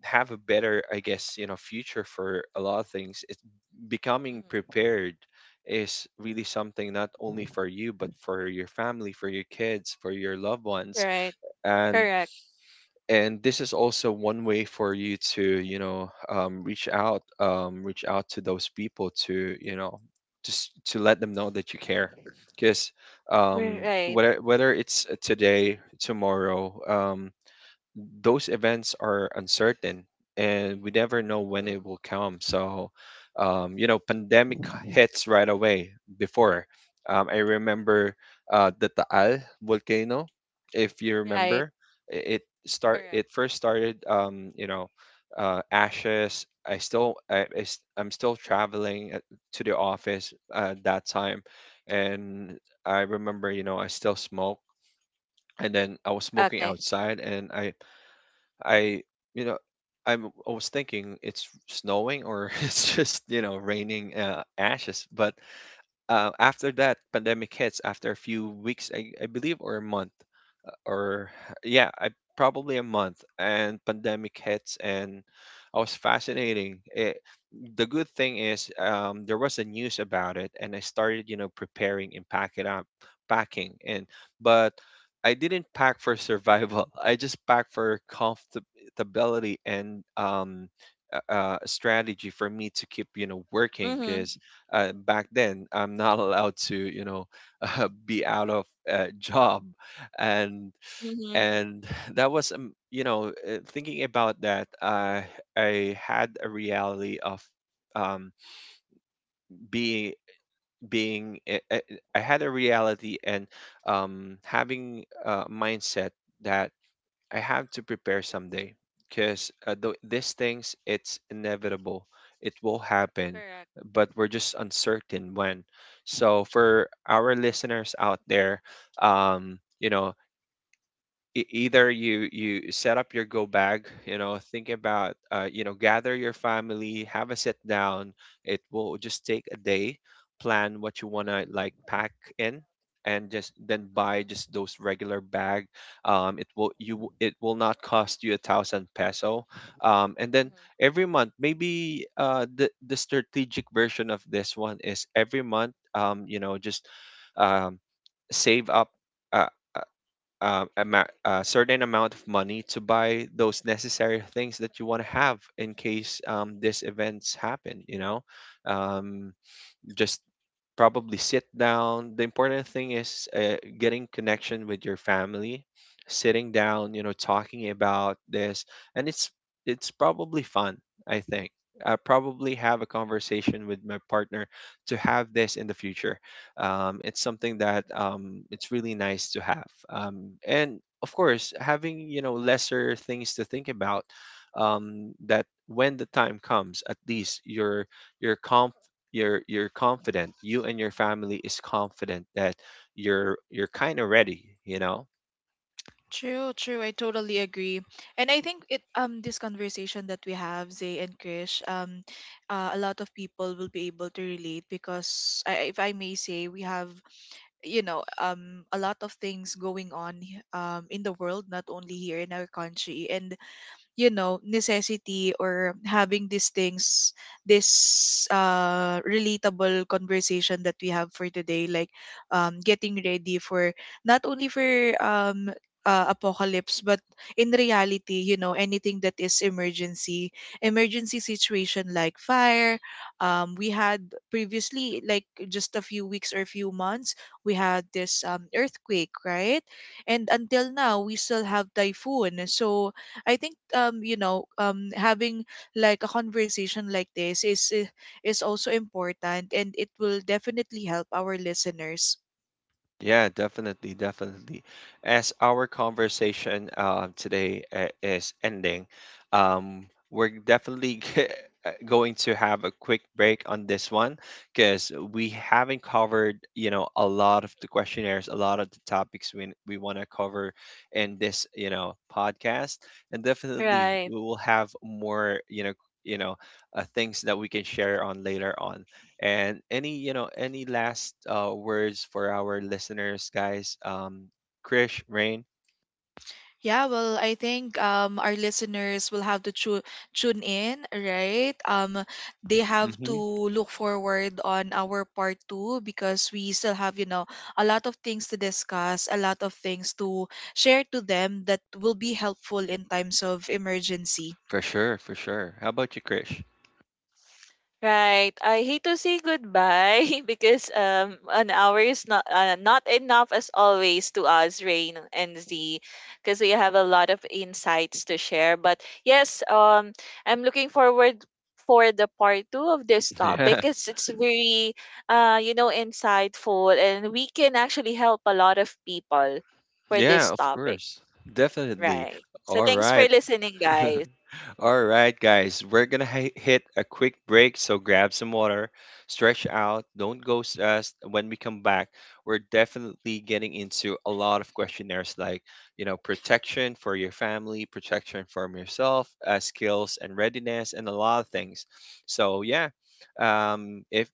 [SPEAKER 1] have a better, I guess, you know, future for a lot of things. It's becoming
[SPEAKER 3] hmm
[SPEAKER 1] prepared, is really something not only for you, but for your family, for your kids, for your loved ones.
[SPEAKER 3] Right.
[SPEAKER 1] and
[SPEAKER 3] Correct.
[SPEAKER 1] and this is also one way for you to, you know, reach out, reach out to those people to, you know, just to let them know that you care. Because
[SPEAKER 3] We're right.
[SPEAKER 1] whether it's today, tomorrow, those events are uncertain, and we never know when
[SPEAKER 3] Mm-mm.
[SPEAKER 1] it will come. So you know, pandemic hits right away before, I remember, the Taal volcano, if you
[SPEAKER 3] Right.
[SPEAKER 1] remember. It start
[SPEAKER 3] Correct.
[SPEAKER 1] it first started, you know, ashes. I'm still traveling, to the office, that time. And I remember, you know, I still smoke, and then I was smoking
[SPEAKER 3] Okay.
[SPEAKER 1] outside, and I, you know, I was thinking it's snowing, or it's just, you know, raining, ashes. But after that, pandemic hits, after a few weeks, I believe, or a month, or yeah, I probably a month, and pandemic hits. And I was fascinating. It, the good thing is, there was a news about it, and I started, you know, preparing and pack it up, packing, and but I didn't pack for survival. I just packed for comfortability, and strategy for me to keep, you know, working.
[SPEAKER 3] Mm-hmm.
[SPEAKER 1] Because back then, I'm not allowed to, you know, be out of, job. and
[SPEAKER 3] Mm-hmm.
[SPEAKER 1] and that was, you know, thinking about that, I had a reality of um, being being i I- I had a reality and um, having a mindset that I have to prepare someday, because these things, it's inevitable, it will happen.
[SPEAKER 3] Correct.
[SPEAKER 1] But we're just uncertain when. So for our listeners out there, um, you know, either you set up your go bag, you know, think about, you know, gather your family, have a sit down. It will just take a day. Plan what you want to like
[SPEAKER 3] Mm-hmm.
[SPEAKER 1] pack in. And just then buy just
[SPEAKER 3] Mm-hmm.
[SPEAKER 1] those regular bag. Um, it will you it will not cost you a thousand peso. Um, and then
[SPEAKER 3] Mm-hmm.
[SPEAKER 1] every month, maybe the strategic version of this one is every month, um, you know, just um, save up, uh a certain amount of money to buy those necessary things that you want to have in case, these events happen, you know. Um, just probably sit down. The important thing is, getting connection with your family, sitting down, you know, talking about this, and it's probably fun. I think I probably have a conversation with my partner to have this in the future. It's something that it's really nice to have, and of course, having, you know, lesser things to think about. That when the time comes, at least you're calm, you're confident, you and your family is confident that, you're kind of ready, you know.
[SPEAKER 2] True, true. I totally agree. And I think it, um, this conversation that we have, Zay and Krish, um, a lot of people will be able to relate because I, if I may say, we have, you know, a lot of things going on, um, in the world, not only here in our country. And you know, necessity or having these things, this relatable conversation that we have for today, like getting ready for not only for um apocalypse, but in reality, you know, anything that is emergency, emergency situation like fire. Um, we had previously, like just a few weeks or a few months, we had this earthquake, right? And until now we still have typhoon. So I think um, you know, having like a conversation like this is also important and it will definitely help our listeners.
[SPEAKER 1] Yeah, definitely, definitely. As our conversation, today, is ending, um, we're definitely going to have a quick break on this one, because we haven't covered, you know, a lot of the questionnaires, a lot of the topics we want to cover in this, you know, podcast. And definitely,
[SPEAKER 3] Right.
[SPEAKER 1] we will have more, you know, things that we can share on later on. And any, you know, any last, words for our listeners, guys? Krish, Rain?
[SPEAKER 2] Yeah, well, I think our listeners will have to tune in, right? Um, they have to
[SPEAKER 1] Mm-hmm.
[SPEAKER 2] look forward on our part 2 because we still have, you know, a lot of things to discuss, a lot of things to share to them that will be helpful in times of emergency.
[SPEAKER 1] For sure, for sure. How about you, Krish?
[SPEAKER 3] Right. I hate to say goodbye because an hour is not not enough as always to us, Rain and Z, because we have a lot of insights to share. But yes, I'm looking forward for the part 2 of this topic
[SPEAKER 1] Yeah,
[SPEAKER 3] because it's very you know insightful, and we can actually help a lot of people for
[SPEAKER 1] yeah,
[SPEAKER 3] this
[SPEAKER 1] of
[SPEAKER 3] topic.
[SPEAKER 1] course. Definitely.
[SPEAKER 3] Right. So
[SPEAKER 1] All
[SPEAKER 3] thanks for
[SPEAKER 1] right.
[SPEAKER 3] listening, guys.
[SPEAKER 1] All right, guys, we're gonna hit a quick break, so grab some water, stretch out, don't ghost us. When we come back, we're definitely getting into a lot of questionnaires like, you know, protection for your family, protection from yourself, skills and readiness, and a lot of things. So yeah, if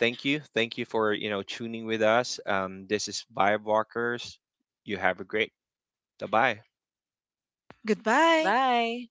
[SPEAKER 1] thank you, thank you for, you know, tuning with us. This is Vibe Walkers. You have a great. Bye bye.
[SPEAKER 2] Goodbye.
[SPEAKER 3] Bye.